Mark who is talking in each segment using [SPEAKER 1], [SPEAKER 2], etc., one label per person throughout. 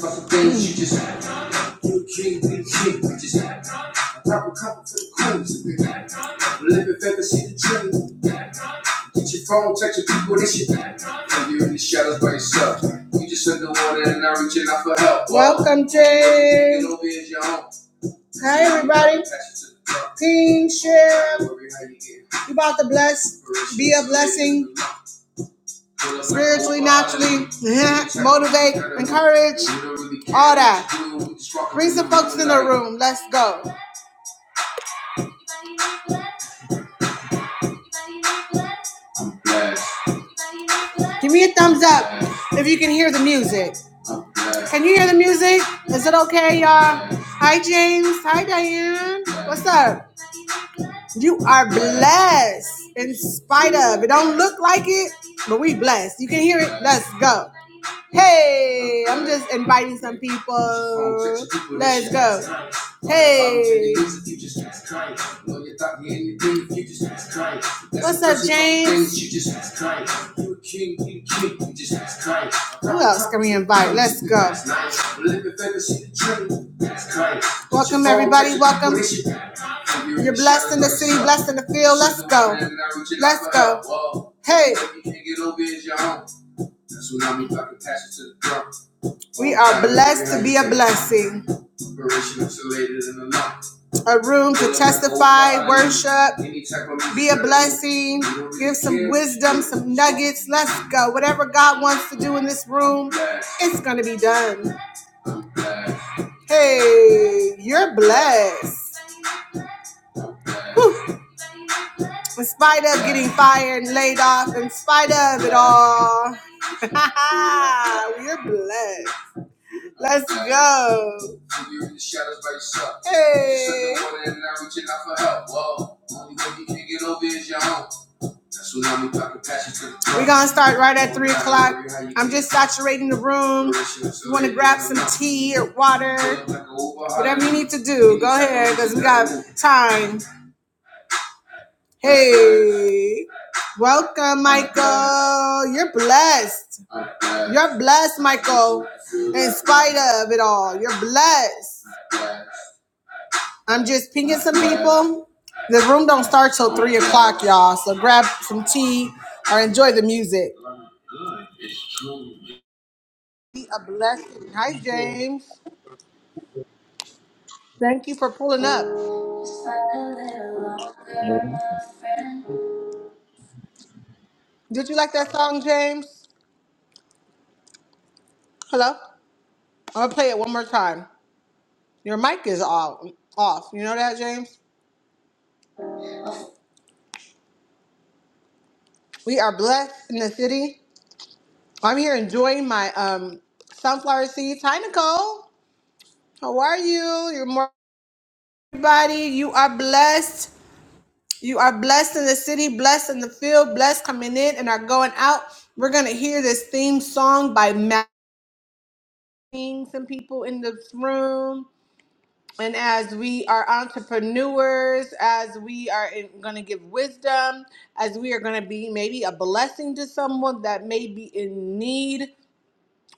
[SPEAKER 1] Fucking things you just had. Good dream, good dream, you just had. I grab A couple for the queens if you had. Live if ever see the dream. Get your phone, text your people, this shit had. And you're in the shadows by yourself. You just underwater and i reaching out for help. Welcome, James. Hi, everybody. Team share. You about to bless, be a blessing spiritually, naturally, yeah, motivate, encourage, all that. Bring some folks in the room. Let's go. Give me a thumbs up if you can hear the music. Can you hear the music? Is it okay, y'all? Hi, James. Hi, Diane. What's up? You are blessed in spite of. It don't look like it, but we blessed. You can hear it. Let's go. Hey, I'm just inviting some people. Let's go. Hey. What's up, James? Who else can we invite? Let's go. Welcome, everybody. Welcome. You're blessed in the city, blessed in the field. Let's go. Let's go. Hey. We are blessed to be a blessing. A room to testify, worship, be a blessing, give some wisdom, some nuggets. Let's go. Whatever God wants to do in this room, it's going to be done. Hey, you're blessed. Whew. In spite of getting fired and laid off, in spite of it all, you're blessed. Let's go. You're in the shadows by yourself. Hey. We're gonna start right at three o'clock. I'm just saturating the room. You wanna grab some tea or water? Whatever you need to do, go ahead, because we got time. Hey, welcome, Michael. You're blessed. You're blessed, Michael. In spite of it all, you're blessed. I'm just pinging some people. The room don't start till three o'clock, y'all. So grab some tea or enjoy the music. Be a blessing. Hi, James. Thank you for pulling up. Did you like that song, James? Hello. I'm gonna play it one more time. Your mic is all off. You know that, James? We are blessed in the city. I'm here enjoying my um sunflower seeds. Hi, Nicole. How are you? You're more everybody. You are blessed. You are blessed in the city, blessed in the field, blessed coming in and are going out. We're gonna hear this theme song by Matt. Some people in this room. and as we are entrepreneurs, as we are going to give wisdom, as we are going to be maybe a blessing to someone that may be in need,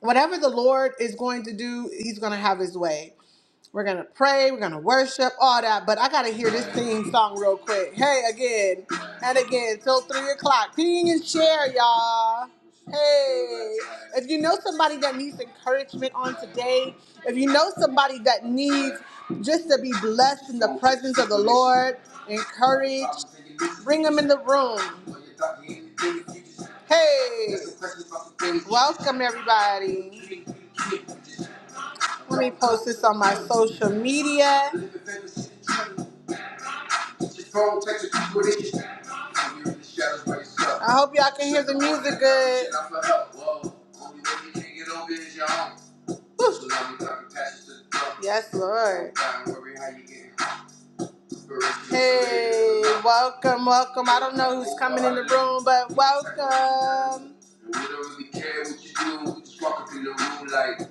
[SPEAKER 1] whatever the Lord is going to do, He's going to have His way. We're gonna pray, we're gonna worship, all that. But I gotta hear this theme song real quick. Hey, again and again till three o'clock. Ping and share, y'all. Hey, if you know somebody that needs encouragement on today, if you know somebody that needs just to be blessed in the presence of the Lord, encouraged, bring them in the room. Hey, welcome everybody. Let me post this on my social media. I hope y'all can hear the music good. Woo. Yes, Lord. Hey, welcome, welcome. I don't know who's coming in the room, but welcome. We don't really care what you do. We just walk up in the room like,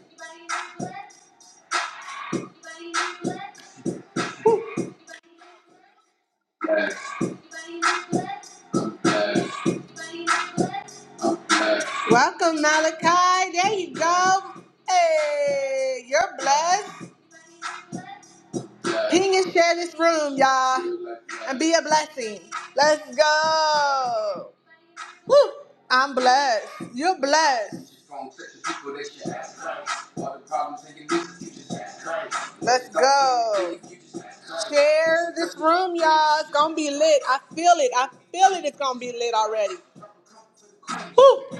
[SPEAKER 1] yes, yes. Welcome, Malachi. There you go. Hey, you're blessed. Ping and share this room, y'all, and be a blessing. Let's go. Woo! I'm blessed. You're blessed. Let's go. Share this room, y'all. It's gonna be lit. I feel it. I feel it. It's gonna be lit already. Woo!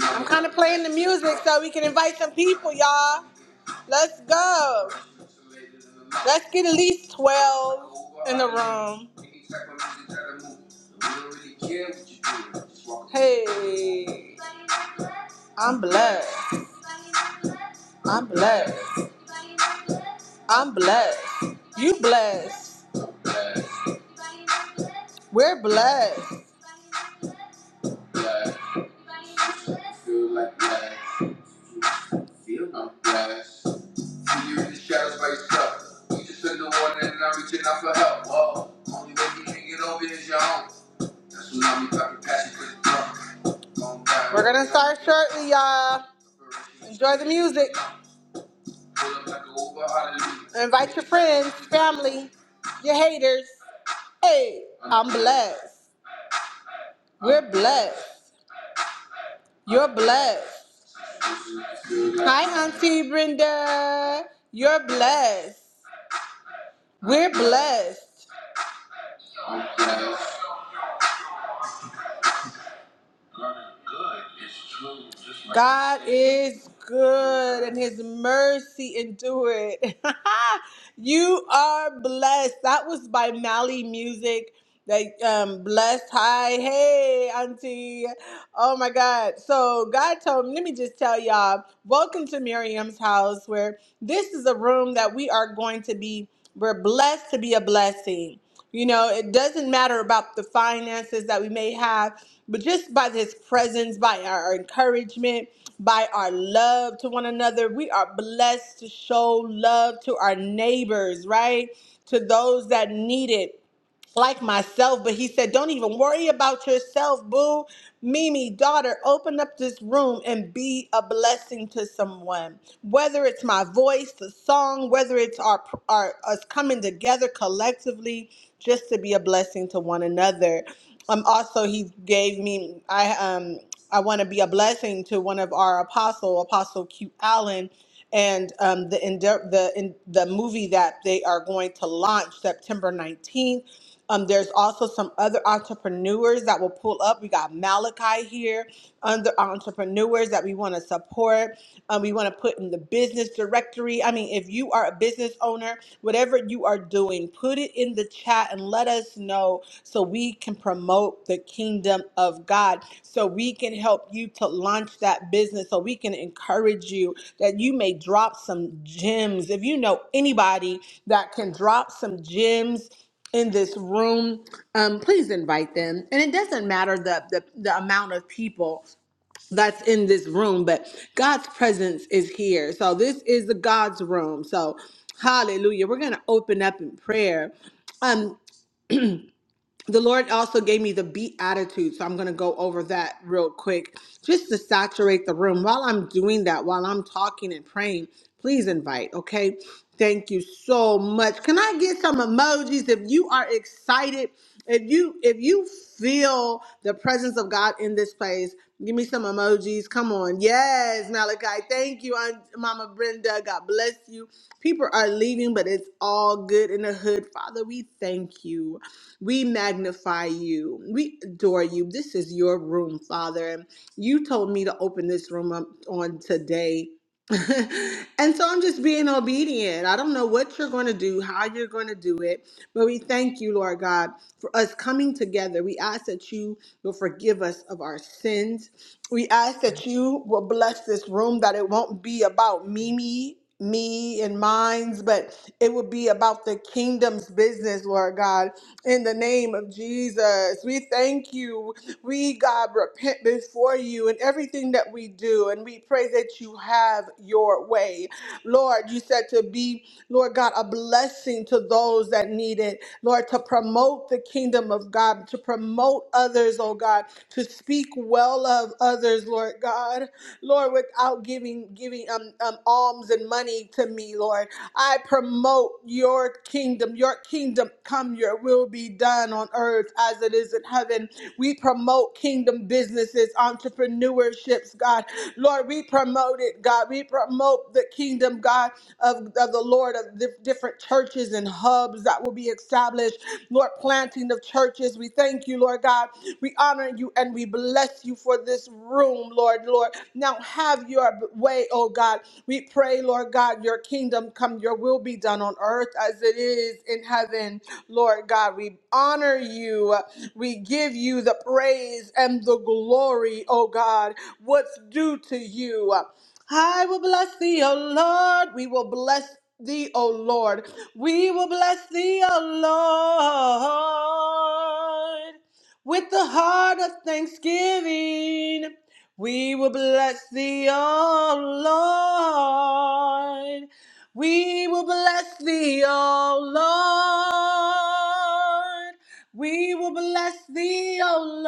[SPEAKER 1] I'm kind of playing the music so we can invite some people, y'all. Let's go. Let's get at least 12 in the room. Hey, I'm blessed. I'm blessed. I'm blessed. You blessed. We're blessed. We're gonna start shortly, y'all. Enjoy the music. Invite your friends, family, your haters. Hey, I'm blessed. We're blessed. You're blessed. Hi, Auntie Brenda. You're blessed. We're blessed. God is good and his mercy endure it. you are blessed. That was by Mally Music. That um blessed. Hi, hey, Auntie. Oh my God. So God told me, let me just tell y'all, welcome to Miriam's house, where this is a room that we are going to be, we're blessed to be a blessing you know, it doesn't matter about the finances that we may have, but just by His presence, by our encouragement, by our love to one another, we are blessed to show love to our neighbors, right? To those that need it like myself, but he said, Don't even worry about yourself, boo. Mimi, daughter, open up this room and be a blessing to someone. Whether it's my voice, the song, whether it's our, our us coming together collectively just to be a blessing to one another. Um also he gave me I um I want to be a blessing to one of our apostle, Apostle Q Allen and um, the, ende- the in the movie that they are going to launch September 19th um, there's also some other entrepreneurs that will pull up. We got Malachi here, other entrepreneurs that we want to support. Um, we want to put in the business directory. I mean, if you are a business owner, whatever you are doing, put it in the chat and let us know so we can promote the kingdom of God, so we can help you to launch that business, so we can encourage you that you may drop some gems. If you know anybody that can drop some gems, in this room, um, please invite them. And it doesn't matter the, the the amount of people that's in this room, but God's presence is here. So this is the God's room. So hallelujah. We're gonna open up in prayer. Um, the Lord also gave me the beatitude, so I'm going to go over that real quick just to saturate the room. While I'm doing that, while I'm talking and praying, please invite, okay? Thank you so much. Can I get some emojis if you are excited? If you if you feel the presence of God in this place, praise. Give me some emojis. Come on. Yes, Malachi. Thank you, Aunt Mama Brenda. God bless you. People are leaving, but it's all good in the hood. Father, we thank you. We magnify you. We adore you. This is your room, Father. you told me to open this room up on today. and so I'm just being obedient. I don't know what you're going to do, how you're going to do it, but we thank you, Lord God, for us coming together. We ask that you will forgive us of our sins. We ask that you will bless this room, that it won't be about Mimi, me, and mines, but it will be about the kingdom's business, Lord God. In the name of Jesus, we thank you. We, God, repent before you in everything that we do, and we pray that you have your way. Lord, you said to be, Lord God, a blessing to those that need it. Lord, to promote the kingdom of kingdom of God, to promote others, oh God, to speak well of others, Lord God. Lord, without giving giving um, um alms and money to me, Lord. I promote your kingdom. Your kingdom come, your will be done on earth as it is in heaven. We promote kingdom businesses, entrepreneurships, God. Lord, we promote it, God. We promote the kingdom, God, of, of the Lord of the different churches and hubs that will be established. Lord, planting of churches. We thank you, Lord God. We honor you and we bless you for this room, Lord, Lord. Now have your way, oh God. We pray, Lord God, your kingdom come, your will be done on earth as it is in heaven, Lord God. We honor you. We give you the praise and the glory, oh God. What's due to you? I will bless thee, O Lord. We will bless thee, O Lord. We will bless thee, O Lord. With the heart of thanksgiving, we will bless thee, O Lord. We will bless thee, O Lord. We will bless thee, O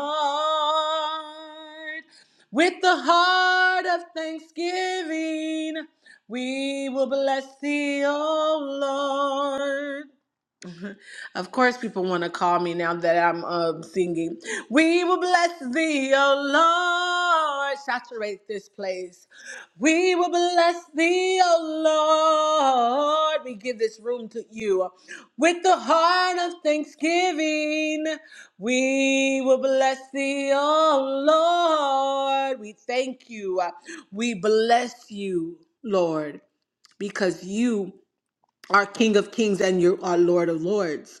[SPEAKER 1] Lord. With the heart of thanksgiving, we will bless thee, O Lord. Of course, people want to call me now that I'm um, singing. We will bless thee, O Lord. Saturate this place. We will bless thee, O Lord. We give this room to you. With the heart of thanksgiving, we will bless thee, O Lord. We thank you. We bless you, Lord, because you are King of kings and you are Lord of lords.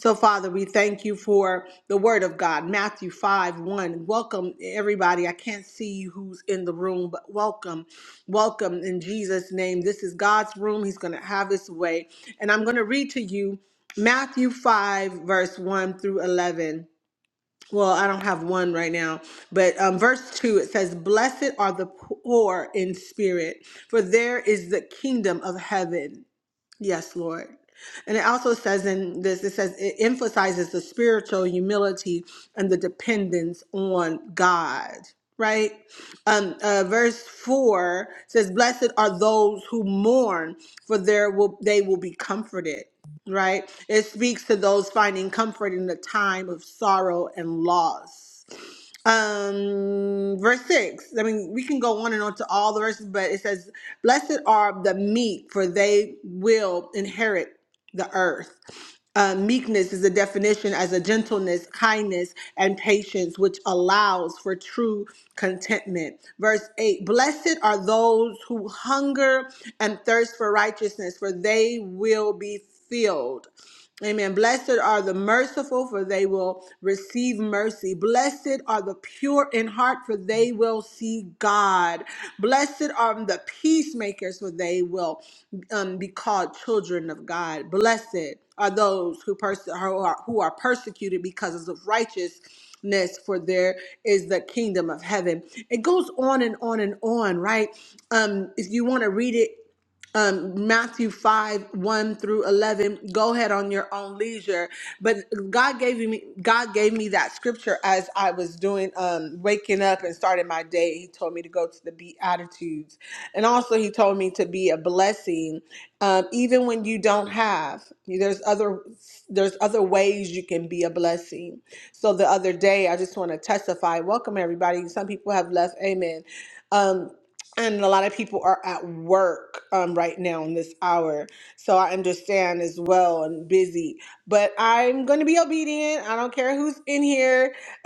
[SPEAKER 1] So, Father, we thank you for the word of God, Matthew 5 1. Welcome, everybody. I can't see who's in the room, but welcome. Welcome in Jesus' name. This is God's room. He's going to have his way. And I'm going to read to you Matthew 5, verse 1 through 11. Well, I don't have one right now, but um, verse 2 it says, Blessed are the poor in spirit, for there is the kingdom of heaven. Yes, Lord. And it also says in this, it says it emphasizes the spiritual humility and the dependence on God, right? Um, uh, verse four says, "Blessed are those who mourn, for there will they will be comforted." Right? It speaks to those finding comfort in the time of sorrow and loss um verse 6 i mean we can go on and on to all the verses but it says blessed are the meek for they will inherit the earth uh, meekness is a definition as a gentleness kindness and patience which allows for true contentment verse 8 blessed are those who hunger and thirst for righteousness for they will be filled Amen. Blessed are the merciful, for they will receive mercy. Blessed are the pure in heart, for they will see God. Blessed are the peacemakers, for they will um, be called children of God. Blessed are those who, perse- who, are, who are persecuted because of righteousness, for there is the kingdom of heaven. It goes on and on and on, right? Um, if you want to read it um, Matthew 5 1 through 11. Go ahead on your own leisure. But God gave me God gave me that scripture as I was doing um, waking up and starting my day. He told me to go to the Beatitudes, and also He told me to be a blessing, um, even when you don't have. There's other there's other ways you can be a blessing. So the other day, I just want to testify. Welcome everybody. Some people have left. Amen. Um, and a lot of people are at work um, right now in this hour so i understand as well and busy but i'm going to be obedient i don't care who's in here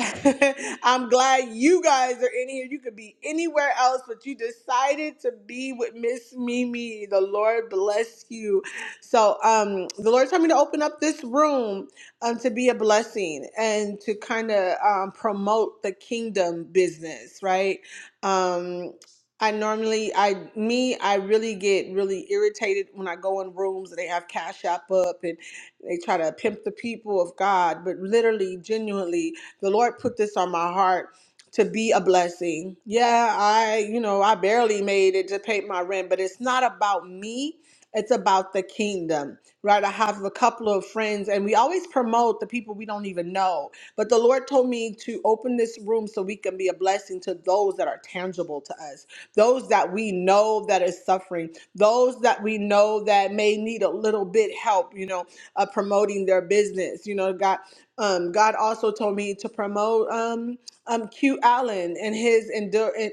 [SPEAKER 1] i'm glad you guys are in here you could be anywhere else but you decided to be with miss mimi the lord bless you so um the lord told me to open up this room um, to be a blessing and to kind of um, promote the kingdom business right um I normally, I me, I really get really irritated when I go in rooms and they have Cash App up and they try to pimp the people of God. But literally, genuinely, the Lord put this on my heart to be a blessing. Yeah, I, you know, I barely made it to pay my rent, but it's not about me. It's about the kingdom, right? I have a couple of friends, and we always promote the people we don't even know. But the Lord told me to open this room so we can be a blessing to those that are tangible to us, those that we know that is suffering, those that we know that may need a little bit help, you know, uh, promoting their business. You know, God, um, God also told me to promote um, um, Q Allen and his endure is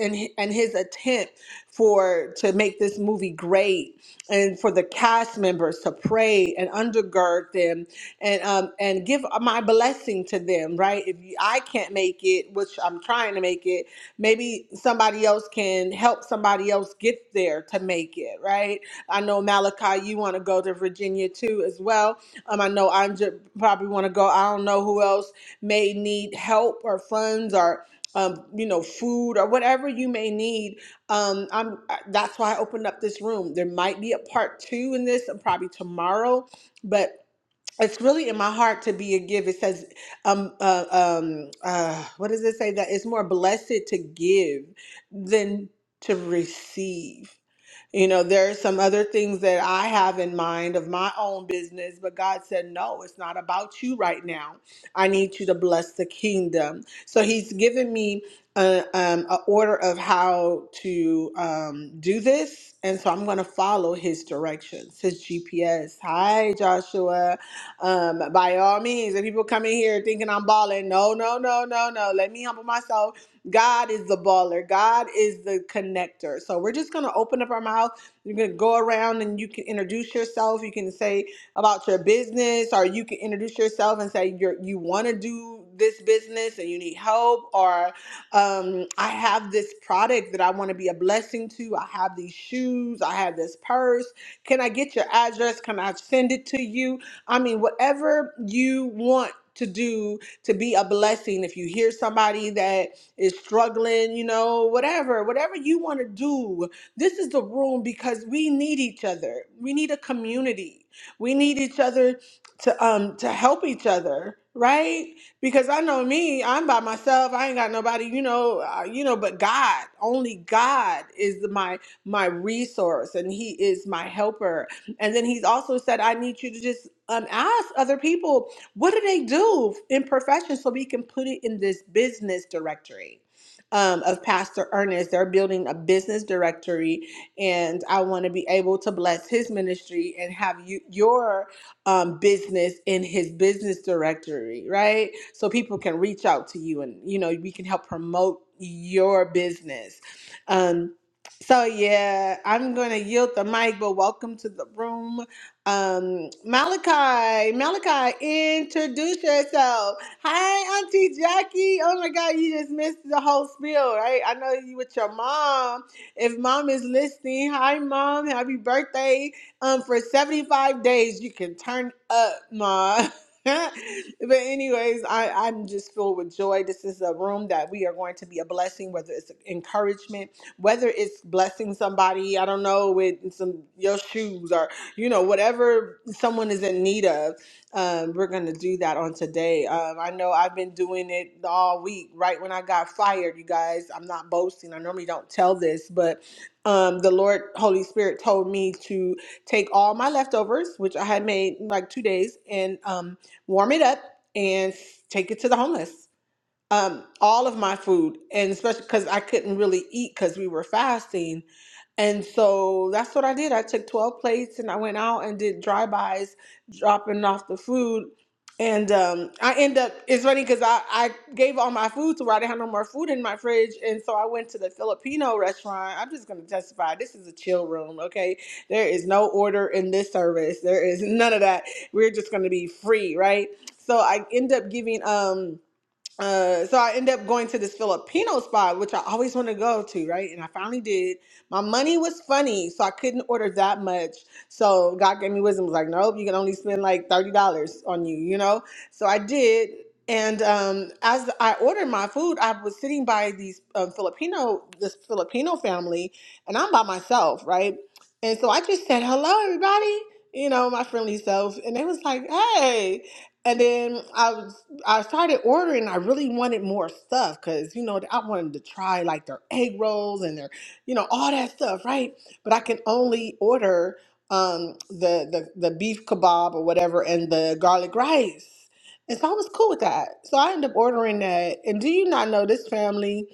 [SPEAKER 1] and and his attempt repent for to make this movie great and for the cast members to pray and undergird them and um and give my blessing to them right if you, i can't make it which i'm trying to make it maybe somebody else can help somebody else get there to make it right i know malachi you want to go to virginia too as well um i know i probably want to go i don't know who else may need help or funds or um, you know food or whatever you may need um i'm I- that's why i opened up this room there might be a part two in this uh, probably tomorrow but it's really in my heart to be a give it says um uh, um uh what does it say that it's more blessed to give than to receive you know, there are some other things that I have in mind of my own business, but God said, No, it's not about you right now. I need you to bless the kingdom. So He's given me a, um, a order of how to um, do this. And so I'm going to follow His directions, His GPS. Hi, Joshua. Um, by all means, if people come in here thinking I'm balling, no, no, no, no, no. Let me humble myself God is the baller. God is the connector. So we're just going to open up our mouth. You're going to go around and you can introduce yourself. You can say about your business or you can introduce yourself and say you're, you want to do this business and you need help or um, I have this product that I want to be a blessing to. I have these shoes. I have this purse. Can I get your address? Can I send it to you? I mean, whatever you want to do to be a blessing. If you hear somebody that is struggling, you know, whatever, whatever you want to do. This is the room because we need each other. We need a community. We need each other to um to help each other, right? Because I know me, I'm by myself. I ain't got nobody, you know, uh, you know, but God, only God is my my resource and he is my helper. And then he's also said I need you to just um ask other people what do they do in profession so we can put it in this business directory? Um, of Pastor Ernest, they're building a business directory, and I want to be able to bless his ministry and have you your um, business in his business directory, right? So people can reach out to you, and you know we can help promote your business. Um, so yeah, I'm gonna yield the mic, but welcome to the room. Um, Malachi, Malachi, introduce yourself. Hi, Auntie Jackie. Oh my God, you just missed the whole spiel, right? I know you with your mom. If mom is listening, hi, mom. Happy birthday. Um, for 75 days, you can turn up, mom. but anyways, I, I'm just filled with joy. This is a room that we are going to be a blessing, whether it's encouragement, whether it's blessing somebody, I don't know, with some your shoes or you know, whatever someone is in need of, um, we're going to do that on today. Um, I know I've been doing it all week, right when I got fired, you guys. I'm not boasting. I normally don't tell this, but um, the Lord, Holy Spirit, told me to take all my leftovers, which I had made in like two days, and um, warm it up and take it to the homeless um, all of my food, and especially because I couldn't really eat because we were fasting. And so that's what I did. I took 12 plates and I went out and did drive-bys, dropping off the food. And um, I end up, it's funny because I, I gave all my food to where I didn't have no more food in my fridge. And so I went to the Filipino restaurant. I'm just going to testify. This is a chill room, okay? There is no order in this service, there is none of that. We're just going to be free, right? So I end up giving. um uh, so I ended up going to this Filipino spot, which I always wanted to go to, right? And I finally did. My money was funny, so I couldn't order that much. So God gave me wisdom, was like, nope, you can only spend like thirty dollars on you, you know. So I did, and um, as I ordered my food, I was sitting by these um, Filipino, this Filipino family, and I'm by myself, right? And so I just said, hello, everybody, you know, my friendly self, and they was like, hey. And then I I started ordering. I really wanted more stuff because you know I wanted to try like their egg rolls and their, you know, all that stuff, right? But I can only order um, the the the beef kebab or whatever and the garlic rice, and so I was cool with that. So I ended up ordering that. And do you not know this family?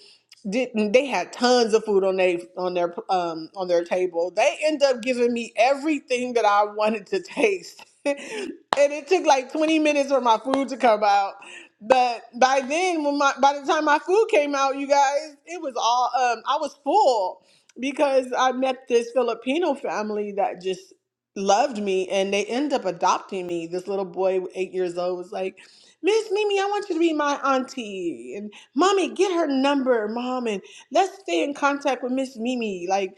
[SPEAKER 1] didn't they had tons of food on their on their um on their table. They end up giving me everything that I wanted to taste. and it took like 20 minutes for my food to come out. But by then when my by the time my food came out, you guys, it was all um I was full because I met this Filipino family that just loved me and they end up adopting me. This little boy 8 years old was like Miss Mimi, I want you to be my auntie. Mommy, get her number, mom, and let's stay in contact with Miss Mimi. Like,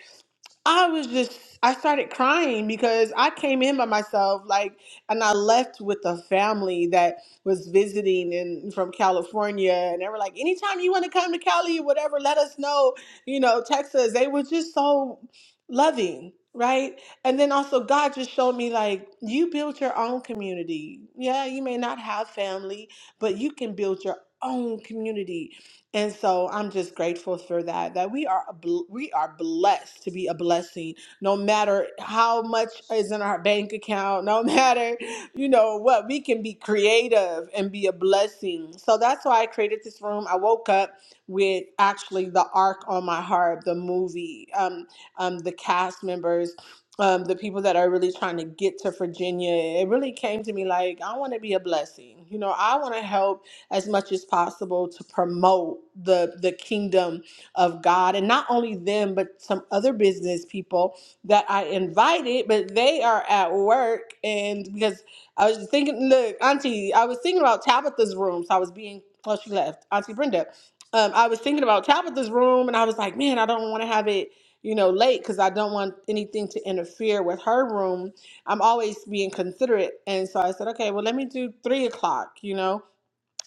[SPEAKER 1] I was just, I started crying because I came in by myself, like, and I left with a family that was visiting and from California. And they were like, anytime you want to come to Cali, whatever, let us know, you know, Texas. They were just so loving, right? And then also, God just showed me, like, you build your own community. Yeah, you may not have family, but you can build your own community and so I'm just grateful for that. That we are a bl- we are blessed to be a blessing, no matter how much is in our bank account, no matter you know what we can be creative and be a blessing. So that's why I created this room. I woke up with actually the arc on my heart, the movie, um, um, the cast members. Um, the people that are really trying to get to Virginia, it really came to me like, I want to be a blessing. You know, I want to help as much as possible to promote the the kingdom of God and not only them but some other business people that I invited but they are at work and because I was just thinking look auntie I was thinking about Tabitha's room so I was being oh she left auntie Brenda um, I was thinking about Tabitha's room and I was like man I don't want to have it you know late because I don't want anything to interfere with her room I'm always being considerate. And so I said, okay, well, let me do three o'clock, you know?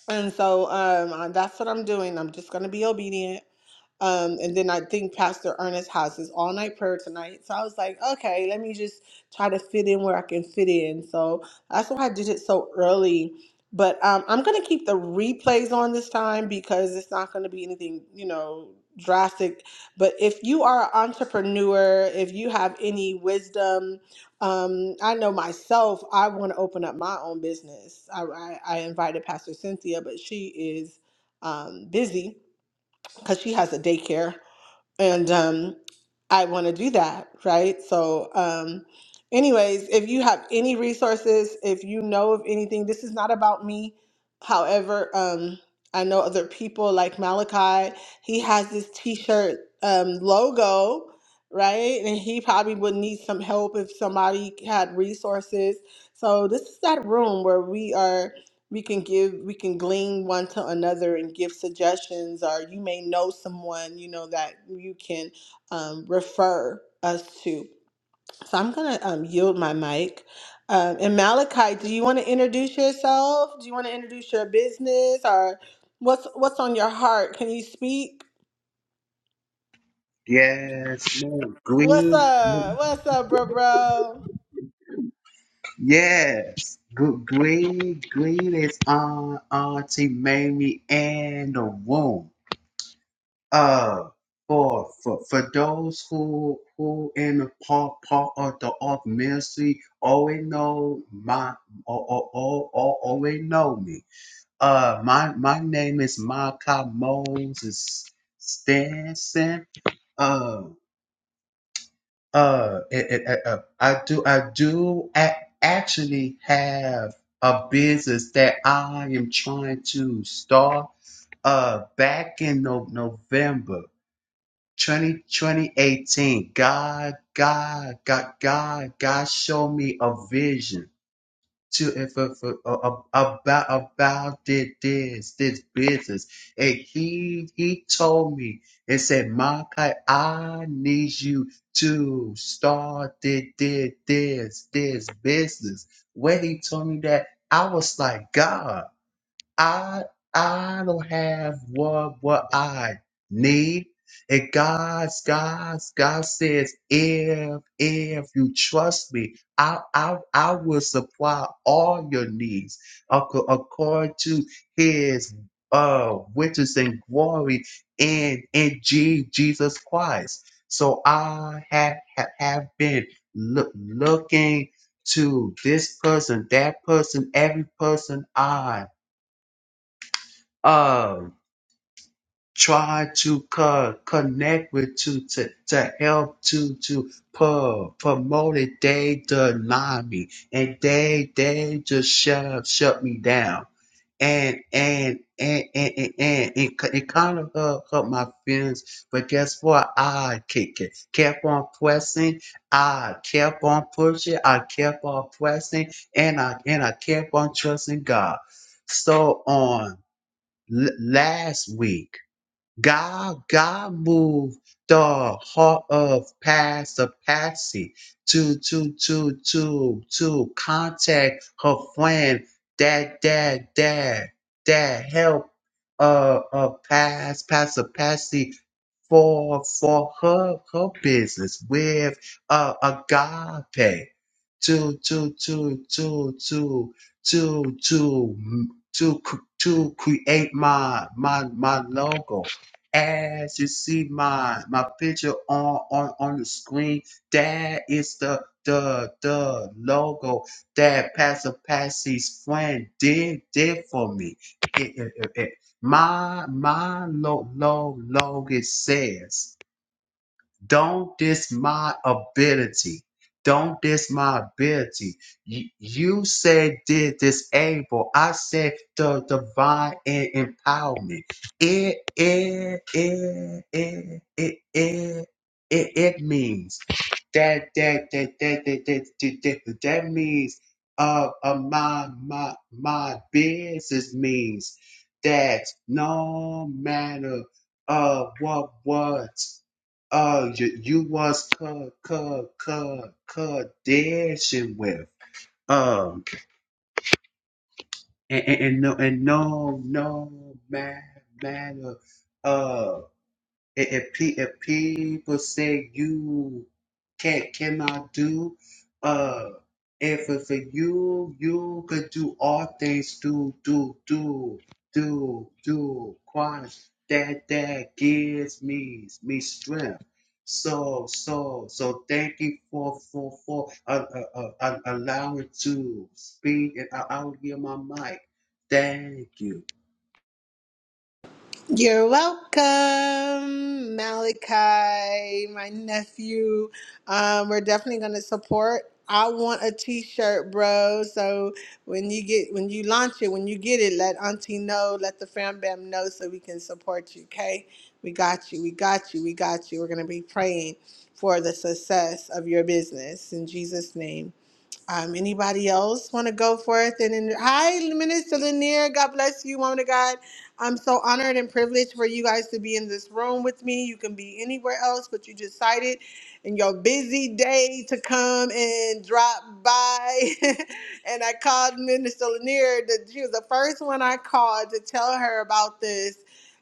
[SPEAKER 1] And so um, I- that's what I'm doing. I'm just going to be obedient. Um, and then I think Pastor Ernest has his all night prayer tonight. So I was like, okay, let me just try to fit in where I can fit in. So that's why I did it so early. But um, I'm going to keep the replays on this time because it's not going to be anything, you know, drastic. But if you are an entrepreneur, if you have any wisdom, um, I know myself, I want to open up my own business. I, I, I invited Pastor Cynthia, but she is um, busy because she has a daycare and um, I want to do that, right? So, um, anyways, if you have any resources, if you know of anything, this is not about me. However, um, I know other people like Malachi. He has this T-shirt um, logo, right? And he probably would need some help if somebody had resources. So this is that room where we are we can give we can glean one to another and give suggestions or you may know someone you know that you can um, refer us to so i'm gonna um, yield my mic um, and malachi do you want to introduce yourself do you want to introduce your business or what's what's on your heart can you speak
[SPEAKER 2] Yes, ma'am.
[SPEAKER 1] what's
[SPEAKER 2] Green,
[SPEAKER 1] up what's up bro bro
[SPEAKER 2] yes. Gr- Green, green is on Auntie Mamie and the room. Uh, for for for those who who in the part part of the art ministry already know my or or or or already know me. Uh, my my name is Micah Moses Stanson. Uh, Uh, it, it, uh, uh, I do. I do a- actually have a business that I am trying to start. Uh, back in no- November 20 2018. God, God, God, God, God showed me a vision to and for, for uh, about about thi- this this business, and he he told me and said, "Malachi, I need you to start this this this, this business." When he told me that, I was like, "God." I I don't have what what I need. And God's God's God says, if if you trust me, I I I will supply all your needs ac- according to His uh riches and glory in in G, Jesus Christ. So I have have, have been look, looking to this person, that person, every person I um try to co- connect with to, to to help to to pu- promote it they deny me and they they just shut shut me down and and and and and, and it, ki- it kind of hurt, hurt my feelings but guess what i kick it kept on pressing i kept on pushing i kept on pressing and i and i kept on trusting god so on l- last week God, God moved the heart of past a Patsy to to to to to contact her friend that that that that help uh uh pass pass a Patsy for for her her business with uh agape to to to to to to to to cr- to create my my my logo as you see my my picture on on on the screen, that is the the the logo that Pastor Patsy's friend did did for me. It- it- it- it. My my lo lo logo says. Don't diss my ability. Don't diss my ability. You, you said did disable. I said the divine en- empowerment. It it it it it it it, it means that that that that that that that, that, that means uh, uh my my my business means that no matter uh what what uh you, you was co co co co dashing with um and, and, and no and no no ma- matter uh if if pe- if people say you can't cannot do, uh, if it's for you, you could do all things. Do do do do do. Christ, that that gives me me strength. So so so. Thank you for for for uh, uh, uh, uh, allowing to speak, and I, I'll give my mic. Thank you.
[SPEAKER 1] You're welcome, Malachi, my nephew. Um, we're definitely gonna support. I want a T-shirt, bro. So when you get when you launch it, when you get it, let Auntie know, let the fam bam know, so we can support you. Okay, we got you, we got you, we got you. We're gonna be praying for the success of your business in Jesus' name. Um, anybody else want to go forth? And then, hi, Minister Lanier. God bless you, woman of God. I'm so honored and privileged for you guys to be in this room with me. You can be anywhere else, but you decided in your busy day to come and drop by. and I called Minister Lanier. That she was the first one I called to tell her about this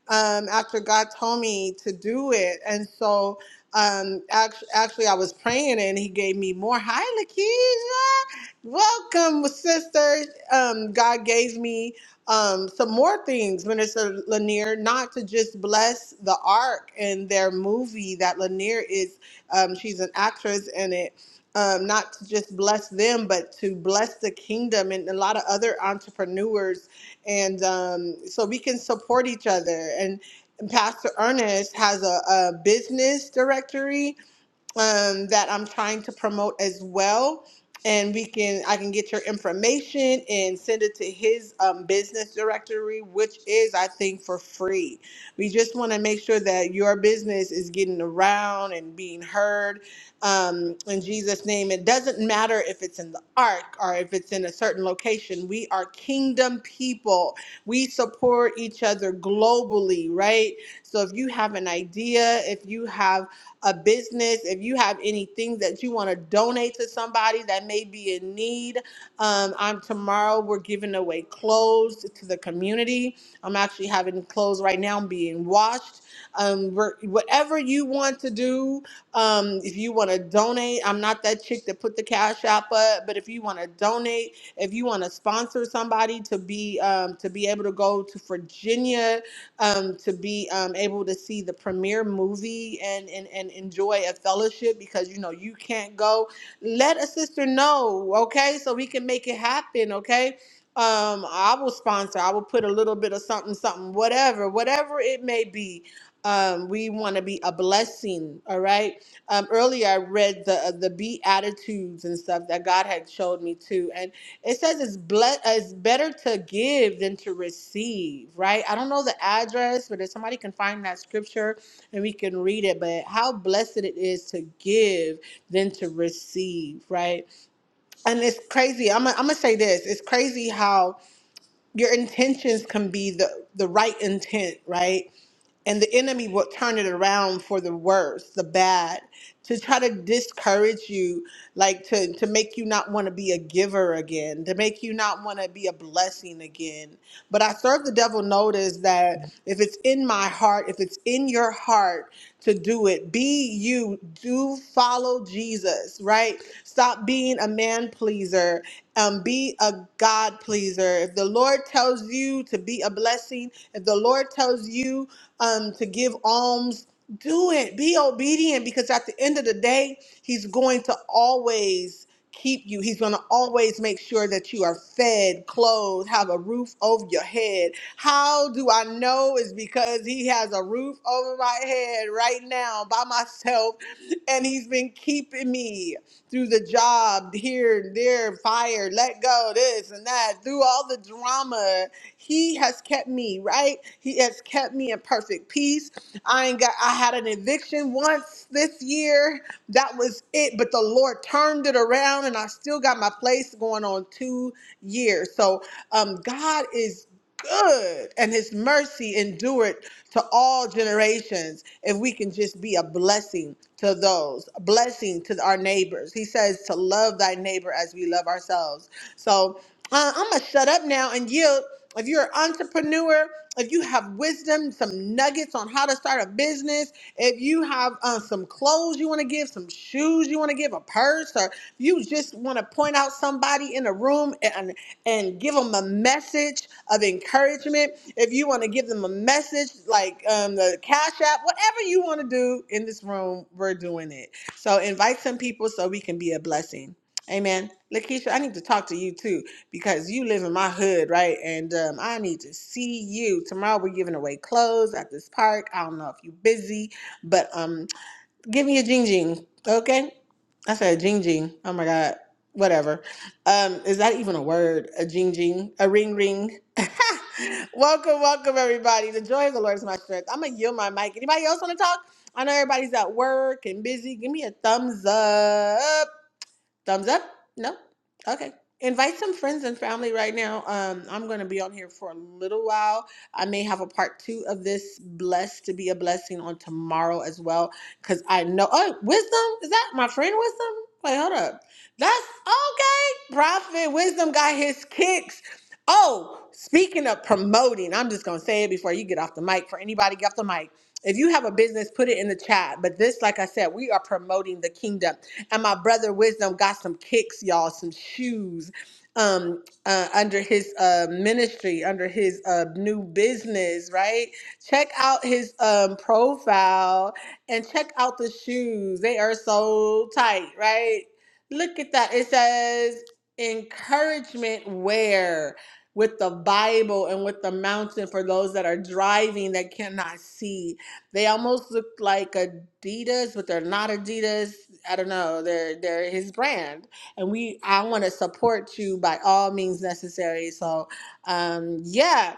[SPEAKER 1] um, after God told me to do it. And so, um, act- actually, I was praying and he gave me more. Hi, Lakeisha. Welcome, sister. Um, God gave me um, some more things, Minister Lanier, not to just bless the Ark and their movie that Lanier is, um, she's an actress in it. Um, not to just bless them, but to bless the kingdom and a lot of other entrepreneurs. And um, so we can support each other. Pastor Ernest has a, a business directory um, that I'm trying to promote as well. And we can, I can get your information and send it to his um, business directory, which is, I think, for free. We just want to make sure that your business is getting around and being heard um, in Jesus' name. It doesn't matter if it's in the ark or if it's in a certain location. We are kingdom people. We support each other globally, right? So if you have an idea, if you have a business, if you have any things that you want to donate to somebody that may be in need, um, I'm tomorrow we're giving away clothes to the community. I'm actually having clothes right now being washed. Um, we're, whatever you want to do, um, if you want to donate, I'm not that chick that put the cash app up, but if you want to donate, if you want to sponsor somebody to be um, to be able to go to Virginia um, to be um, able to see the premiere movie and, and, and enjoy a fellowship because you know you can't go. Let a sister know, okay, so we can make it happen, okay. Um, I will sponsor. I will put a little bit of something, something, whatever, whatever it may be. Um, we want to be a blessing, all right. Um, earlier, I read the uh, the beatitudes and stuff that God had showed me too, it says it's ble- uh, it's better to give than to receive, right? I don't know the address, but if somebody can find that scripture and we can read it, but how blessed it is to give than to receive, right? And it's crazy. I'm gonna I'm gonna say this. It's crazy how your intentions can be the the right intent, right? and the enemy will turn it around for the worse, the bad, to try to discourage you, like to to make you not want to be a giver again, to make you not want to be a blessing again. But I serve the devil notice that if it's in my heart, if it's in your heart to do it, be you, do follow Jesus, right? Stop being a man pleaser. Um, be a God pleaser. If the Lord tells you to be a blessing, if the Lord tells you um, to give alms, do it. Be obedient because at the end of the day, He's going to always keep you. He's going to always make sure that you are fed, clothed, have a roof over your head. How do I know? Is because He has a roof over my head right now by myself, and He's been keeping me through the job, here, and there, fire, let go, this and that, through all the drama. He has kept me, right? He has kept me in perfect peace. I ain't got I had an eviction once this year. That was it. But the Lord turned it around and I still got my place going on two years. So um God is good and his mercy endured to all generations if we can just be a blessing to those a blessing to our neighbors he says to love thy neighbor as we love ourselves so uh, i'm gonna shut up now and yield if you're an entrepreneur, if you have wisdom, some nuggets on how to start a business, if you have uh, some clothes you want to give, some shoes you want to give, a purse, or you just want to point out somebody in a room and, and give them a message of encouragement, if you want to give them a message like um, the Cash App, whatever you want to do in this room, we're doing it. So invite some people so we can be a blessing. Amen. Lakeisha, I need to talk to you too because you live in my hood, right? And um, I need to see you tomorrow. We're giving away clothes at this park. I don't know if you're busy, but um, give me a jing jing, okay? I said jing jing. Oh my god, whatever. Um, is that even a word? A jing jing, a ring ring. welcome, welcome everybody. The joy of the Lord is my strength. I'm gonna yield my mic. Anybody else want to talk? I know everybody's at work and busy. Give me a thumbs up Thumbs up? No? Okay. Invite some friends and family right now. Um, I'm going to be on here for a little while. I may have a part two of this blessed to be a blessing on tomorrow as well. Because I know, oh, wisdom? Is that my friend wisdom? Wait, hold up. That's okay. Prophet wisdom got his kicks. Oh, speaking of promoting, I'm just going to say it before you get off the mic. For anybody, get off the mic. If you have a business, put it in the chat. But this, like I said, we are promoting the kingdom. And my brother Wisdom got some kicks, y'all, some shoes um uh under his uh ministry under his uh new business right check out his um profile and check out the shoes they are so tight right look at that it says encouragement wear with the bible and with the mountain for those that are driving that cannot see they almost look like Adidas, but they're not Adidas. I don't know. They're they're his brand, and we. I want to support you by all means necessary. So, um, yeah,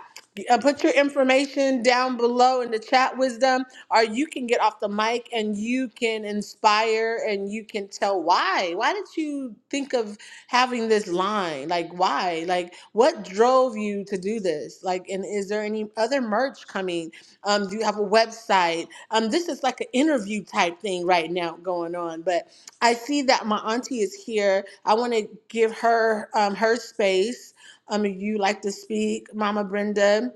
[SPEAKER 1] uh, put your information down below in the chat, wisdom, or you can get off the mic and you can inspire and you can tell why. Why did you think of having this line? Like, why? Like, what drove you to do this? Like, and is there any other merch coming? Um, do you have a website? Um, this is like an interview type thing right now going on. But I see that my auntie is here. I want to give her um, her space. Um, if you like to speak, Mama Brenda,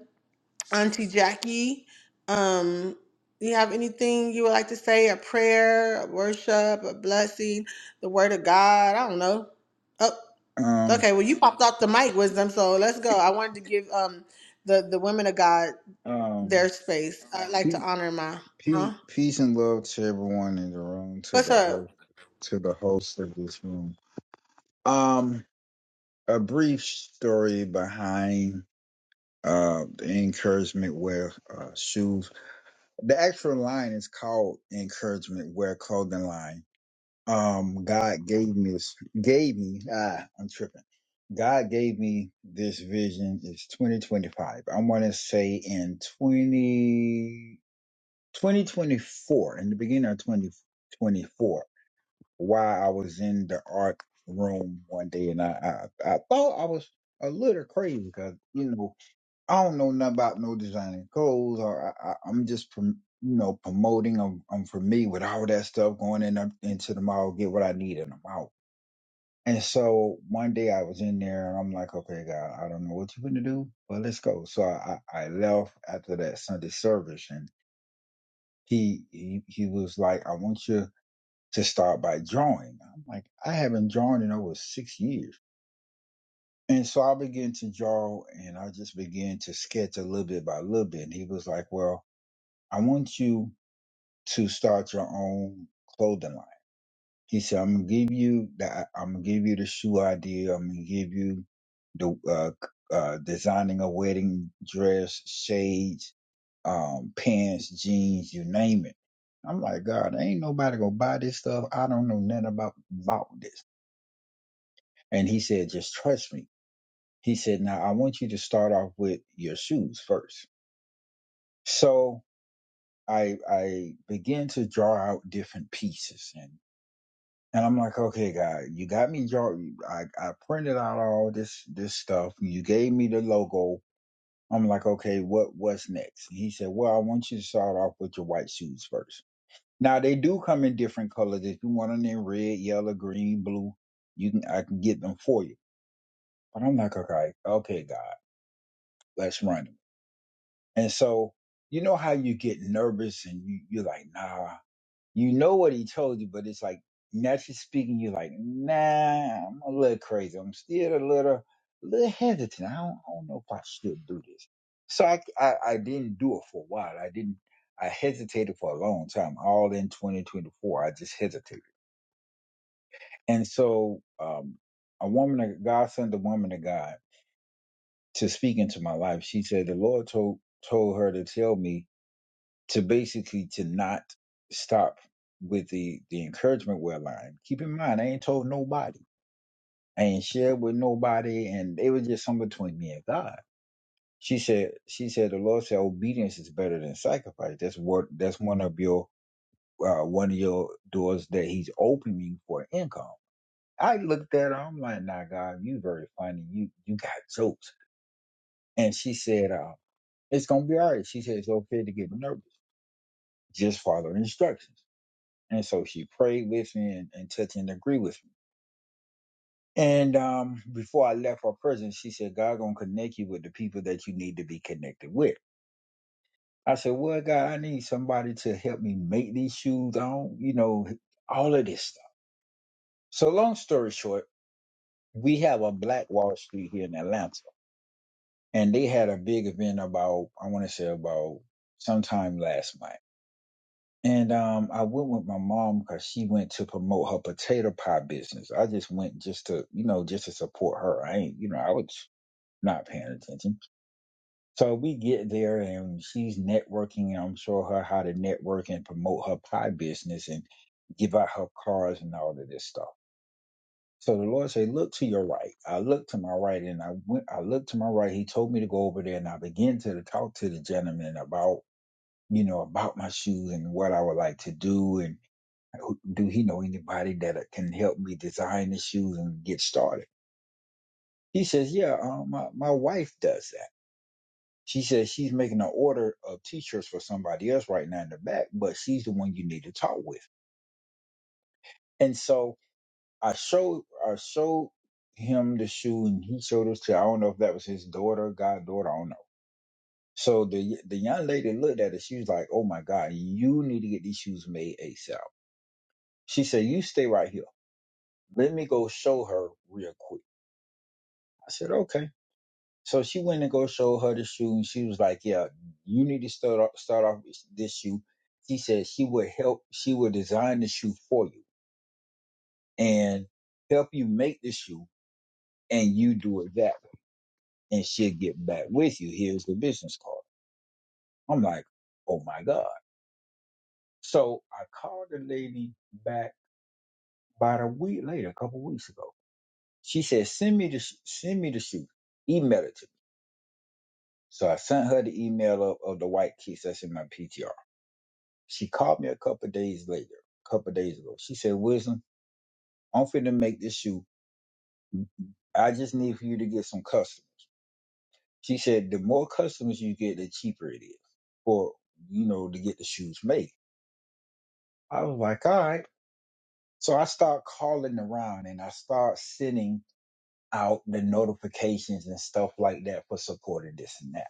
[SPEAKER 1] Auntie Jackie. Um, you have anything you would like to say? A prayer, a worship, a blessing, the word of God? I don't know. Oh,
[SPEAKER 3] Um,
[SPEAKER 1] okay. Well, you popped off the mic, wisdom. So let's go. I wanted to give um the the women of God
[SPEAKER 3] um,
[SPEAKER 1] their space. I'd like to
[SPEAKER 3] pe-
[SPEAKER 1] honor my huh.
[SPEAKER 3] pe- peace and love to everyone in the room, to
[SPEAKER 1] What's
[SPEAKER 3] the
[SPEAKER 1] up?
[SPEAKER 3] host, to the host of this room. Um, a brief story behind uh the encouragement wear uh, shoes. The actual line is called encouragement wear clothing line. Um, God gave me this, gave me. Ah, I'm tripping. God gave me this vision. It's 2025. I want to say in 20. 2024, in the beginning of 2024, while I was in the art room one day, and I, I, I thought I was a little crazy because, you know, I don't know nothing about no designing clothes, or I, I, I'm just, prom- you know, promoting. I'm, I'm for me with all that stuff going in up into the mall, get what I need, and I'm out. And so one day I was in there, and I'm like, okay, God, I don't know what you're going to do, but let's go. So I, I I left after that Sunday service, and he he he was like, I want you to start by drawing. I'm like, I haven't drawn in over six years. And so I began to draw and I just began to sketch a little bit by little bit. And he was like, Well, I want you to start your own clothing line. He said, "I'm gonna give you the, I'm gonna give you the shoe idea. I'm gonna give you the uh, c- uh, designing a wedding dress, shades, um, pants, jeans, you name it." I'm like, God, ain't nobody gonna buy this stuff. I don't know nothing about about this. And he said, just trust me. He said, now I want you to start off with your shoes first. So I I began to draw out different pieces And I'm like, okay, God, you got me draw. I, I printed out all this this stuff. You gave me the logo. I'm like, okay, what what's next? And he said, well, I want you to start off with your white shoes first. Now they do come in different colors. If you want them in red, yellow, green, blue, you can I can get them for you. But I'm like, okay, okay, God, let's run them. And so you know how you get nervous and you, you're like, nah, You know what he told you, but it's like naturally speaking, you're like, nah, I'm a little crazy. I'm still a little, little hesitant. I don't, I don't know if I should do this. So I, I, I didn't do it for a while. I didn't. I hesitated for a long time. All in 2024, I just hesitated. And so, um, a woman, of God sent a woman of God to speak into my life. She said the Lord told told her to tell me to basically to not stop with the the encouragement well line. Keep in mind, I ain't told nobody, I ain't shared with nobody, and it was just something between me and God. She said, she said, the Lord said, obedience is better than sacrifice. That's what that's one of your uh, one of your doors that He's opening for income. I looked at her, I'm like, nah, God, you very funny. You you got jokes. And she said, uh, it's gonna be all right. She said it's okay to get nervous. Just follow instructions. And so she prayed with me and, and touched and agreed with me. And um, before I left her prison, she said, God gonna connect you with the people that you need to be connected with. I said, Well, God, I need somebody to help me make these shoes on, you know, all of this stuff. So long story short, we have a black Wall Street here in Atlanta. And they had a big event about, I want to say about sometime last month And um, I went with my mom because she went to promote her potato pie business. I just went just to, you know, just to support her. I ain't, you know, I was not paying attention. So we get there and she's networking. And I'm showing her how to network and promote her pie business and give out her cards and all of this stuff. So the Lord said, look to your right. I looked to my right and I went, I looked to my right. He told me to go over there and I began to talk to the gentleman about, you know, about my shoes and what I would like to do. And who- do he know anybody that can help me design the shoes and get started? He says, yeah, um, my, my wife does that. She says she's making an order of t-shirts for somebody else right now in the back, but she's the one you need to talk with. And so I showed, I showed him the shoe and he showed us to, I don't know if that was his daughter, goddaughter, I don't know. So the, the young lady looked at it. She was like, Oh my God, you need to get these shoes made ASAP. She said, you stay right here. Let me go show her real quick. I said, okay. So she went and go show her the shoe, and she was like, "Yeah, you need to start off, start off with this shoe." She said she would help. She would design the shoe for you and help you make the shoe, and you do it that way, and she'll get back with you. Here's the business card. I'm like, "Oh my god!" So I called the lady back about a week later, a couple weeks ago. She said, "Send me the sh- send me the shoe. Email it to me." So I sent her the email of, of the white kiss that's in my PTR. She called me a couple of days later, a couple of days ago. She said, Wisdom, I'm finna make this shoe. I just need for you to get some customers. She said, the more customers you get, the cheaper it is for, you know, to get the shoes made. I was like, all right. So I start calling around and I start sending out the notifications and stuff like that for support and this and that.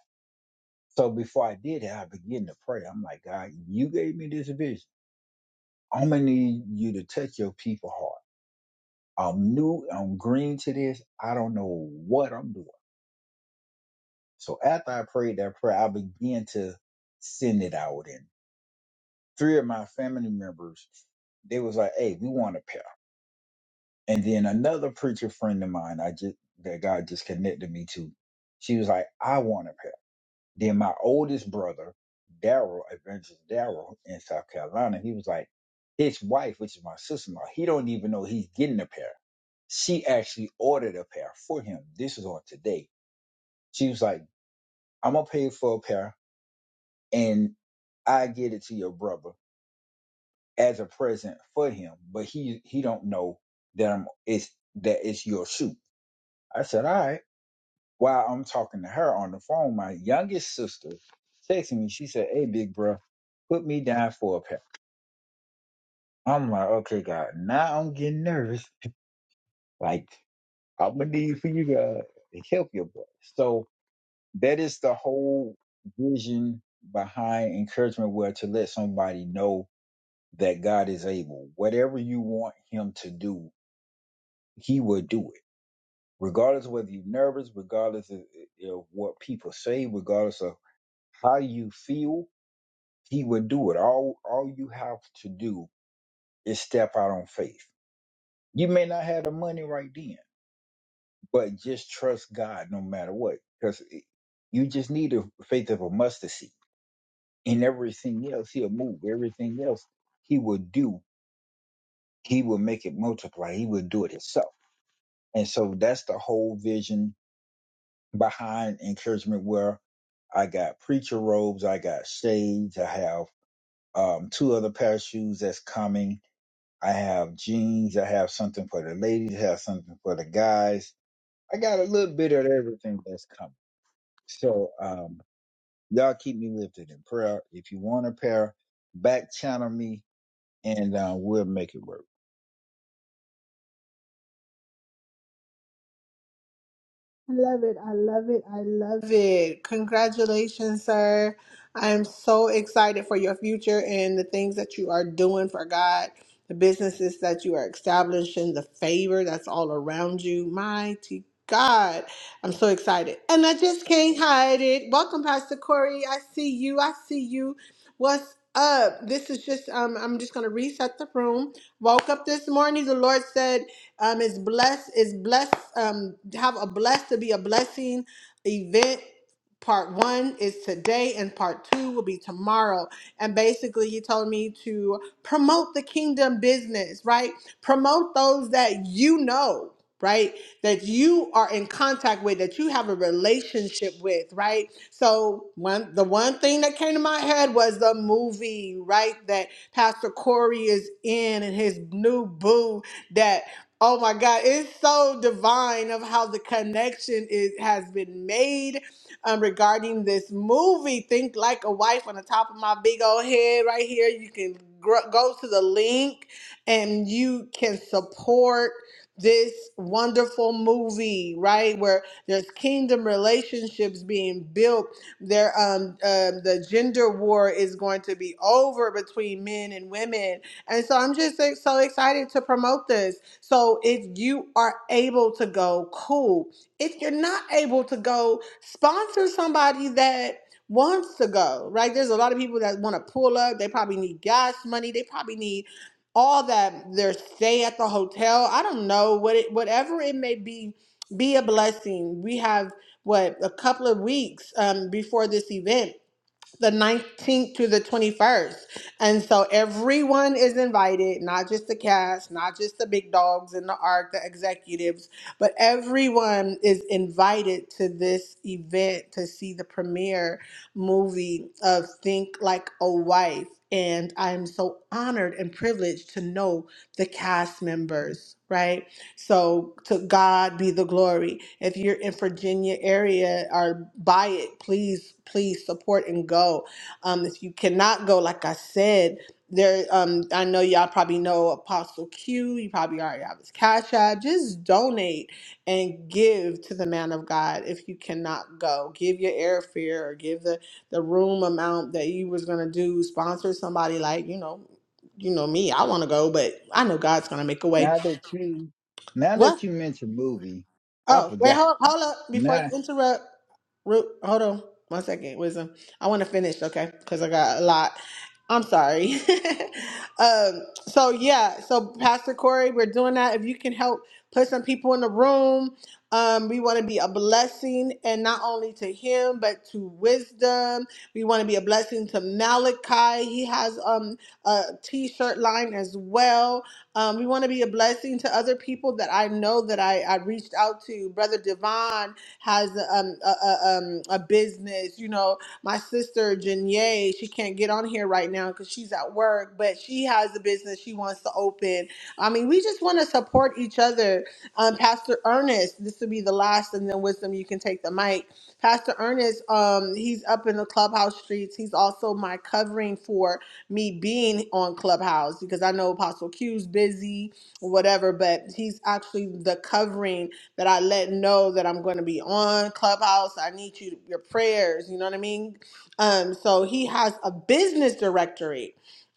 [SPEAKER 3] So before I did it, I began to pray. I'm like, God, you gave me this vision. I'm gonna need you to touch your people heart. I'm new, I'm green to this. I don't know what I'm doing. So after I prayed that prayer, I began to send it out. And three of my family members, they was like, hey, we want a pair. And then another preacher friend of mine, I just that God just connected me to, she was like, I want a pair. Then my oldest brother, Daryl, Avengers Daryl in South Carolina, he was like, his wife, which is my sister-in-law, he don't even know he's getting a pair. She actually ordered a pair for him. This is on today. She was like, I'm gonna pay for a pair and I get it to your brother as a present for him, but he he don't know that I'm it's that it's your shoe. I said, all right. While I'm talking to her on the phone, my youngest sister texted me. She said, Hey, big bro, put me down for a pair. I'm like, Okay, God. Now I'm getting nervous. Like, I'm going to need for you to to help your boy. So that is the whole vision behind encouragement, where to let somebody know that God is able. Whatever you want him to do, he will do it regardless of whether you're nervous, regardless of, uh, of what people say, regardless of how you feel, He would do it. All all you have to do is step out on faith. You may not have the money right then, but just trust God no matter what, because you just need the faith of a mustard seed. And everything else, He'll move. Everything else, He will do. He will make it multiply. He will do it Himself. And so that's the whole vision behind encouragement. Where I got preacher robes, I got shades, I have um, two other pair of shoes that's coming I have jeans. I have something for the ladies. I have something for the guys. I got a little bit of everything that's coming. So um, y'all keep me lifted in prayer. If you want a pair, back channel me, and uh, we'll make it work.
[SPEAKER 1] I love it. I love it. I love it. Congratulations, sir. I am so excited for your future and the things that you are doing for God, the businesses that you are establishing, the favor that's all around you. Mighty God. I'm so excited. And I just can't hide it. Welcome, Pastor Corey. I see you. I see you. What's up? This is just um I'm just gonna reset the room. Woke up this morning. The Lord said um, it's blessed. It's blessed. Um, have a blessed to be a blessing event. Part one is today, and part two will be tomorrow. And basically, you told me to promote the kingdom business, right? Promote those that you know, right? That you are in contact with, that you have a relationship with, right? So one, the one thing that came to my head was the movie, right? That Pastor Corey is in, and his new boo, that Oh my God, it's so divine of how the connection is has been made um, regarding this movie. Think like a wife on the top of my big old head right here. You can gr- go to the link and you can support this wonderful movie, right? Where there's kingdom relationships being built. There, um, um, the gender war is going to be over between men and women. And so I'm just ex- so excited to promote this. So if you are able to go, cool. If you're not able to go, sponsor somebody that wants to go, right? There's a lot of people that want to pull up. They probably need gas money. They probably need all that their stay at the hotel. I don't know what it whatever it may be, be a blessing. We have what a couple of weeks um, before this event the 19th to the 21st. And so everyone is invited, not just the cast, not just the big dogs in the arc, the executives, but everyone is invited to this event to see the premiere movie of Think Like a Wife. And I'm so honored and privileged to know the cast members, right? So to God be the glory. If you're in Virginia area or buy it, please, please support and go. Um, if you cannot go, like I said, there um I know y'all probably know Apostle Q, you probably already have his cash app. Just donate and give to the man of God if you cannot go. Give your airfare or give the the room amount that you was gonna do, sponsor somebody like, you know, you know me, I wanna go, but I know God's gonna make a way.
[SPEAKER 3] Now that you, now
[SPEAKER 1] What?
[SPEAKER 3] that you mentioned movie, I
[SPEAKER 1] Oh, wait,
[SPEAKER 3] forgot.
[SPEAKER 1] hold, hold up before you
[SPEAKER 3] Now,
[SPEAKER 1] interrupt. Root, hold on one second, Wisdom. I want to finish, okay? Because I got a lot. I'm sorry. um, so yeah, so Pastor Corey, we're doing that. If you can help put some people in the room, um, we want to be a blessing, and not only to him, but to Wisdom. We want to be a blessing to Malachi. He has um a T-shirt line as well. Um, we want to be a blessing to other people that I know that I, I reached out to. Brother Devon has um, a, a, um, a business. You know, my sister Janae, she can't get on here right now because she's at work, but she has a business she wants to open. I mean, we just want to support each other. Um, Pastor Ernest, this will be the last, and then wisdom, you can take the mic. Pastor Ernest, um, he's up in the clubhouse streets. He's also my covering for me being on Clubhouse because I know Apostle Q's busy or whatever, but he's actually the covering that I let know that I'm going to be on Clubhouse. I need you your prayers, you know what I mean? Um so he has a business directory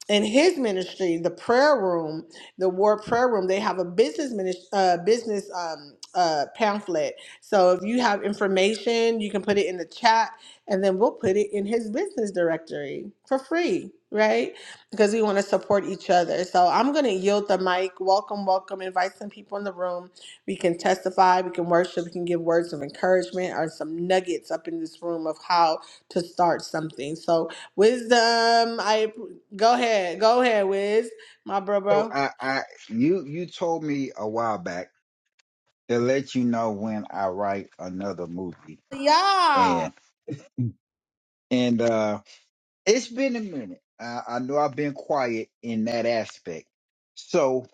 [SPEAKER 1] in his ministry, the prayer room, the war prayer room, they have a business minis uh, business um, uh, pamphlet. So if you have information, you can put it in the chat and then we'll put it in his business directory for free, right? Because we want to support each other. So I'm going to yield the mic. Welcome, welcome. Invite some people in the room. We can testify, we can worship, we can give words of encouragement or some nuggets up in this room of how to start something. So, wisdom, I go ahead, go ahead, Wiz, my bro,
[SPEAKER 3] so
[SPEAKER 1] bro.
[SPEAKER 3] I, I, you, you told me a while back to let you know when I write another movie,
[SPEAKER 1] Yeah,
[SPEAKER 3] and and uh It's been a minute. I, I know I've been quiet in that aspect. So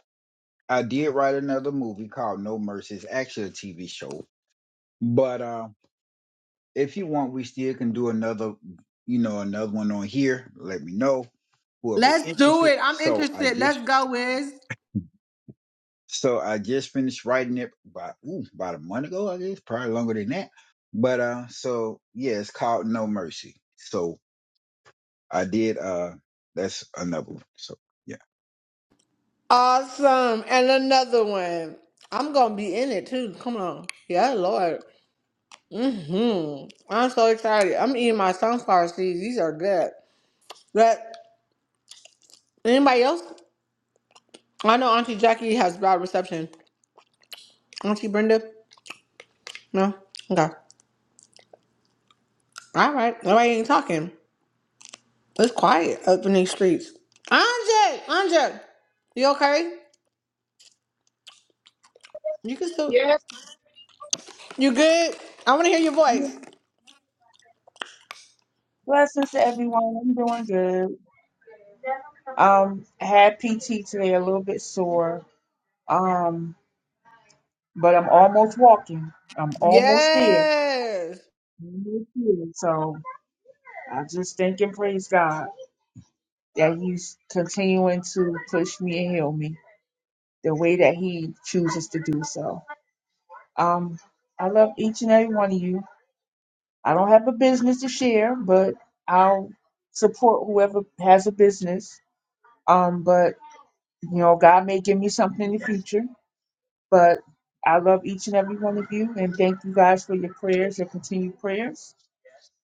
[SPEAKER 3] I did write another movie called No Mercy. It's actually a TV show. But uh, if you want, we still can do another, you know, another one on here. Let me know whoever
[SPEAKER 1] let's do
[SPEAKER 3] interested.
[SPEAKER 1] it. I'm
[SPEAKER 3] So I
[SPEAKER 1] interested.
[SPEAKER 3] just,
[SPEAKER 1] Let's go, Wiz.
[SPEAKER 3] so I just finished writing it about ooh, about a month ago. I guess probably longer than that. But uh, so yeah, it's called No Mercy. So I did uh, that's another one. So
[SPEAKER 1] Awesome. And another one. I'm gonna be in it too. Come on. Yeah, Lord. hmm I'm so excited. I'm eating my sunflower seeds. These are good. But anybody else? I know Auntie Jackie has bad reception. Auntie Brenda? No? Okay. All right. Nobody ain't talking. It's quiet up in these streets. Andre! Andre! You okay? You can still
[SPEAKER 4] Yes.
[SPEAKER 1] You good? I wanna hear your voice.
[SPEAKER 4] Blessings to everyone. I'm doing good. Um, I had PT today, a little bit sore. Um, but I'm almost walking. I'm almost there.
[SPEAKER 1] Yes.
[SPEAKER 4] Almost there. So I just thank and praise God that He's continuing to push me and heal me the way that He chooses to do so. Um, I love each and every one of you. I don't have a business to share, but I'll support whoever has a business. Um, but You know, God may give me something in the future, but I love each and every one of you and thank you guys for your prayers, your continued prayers.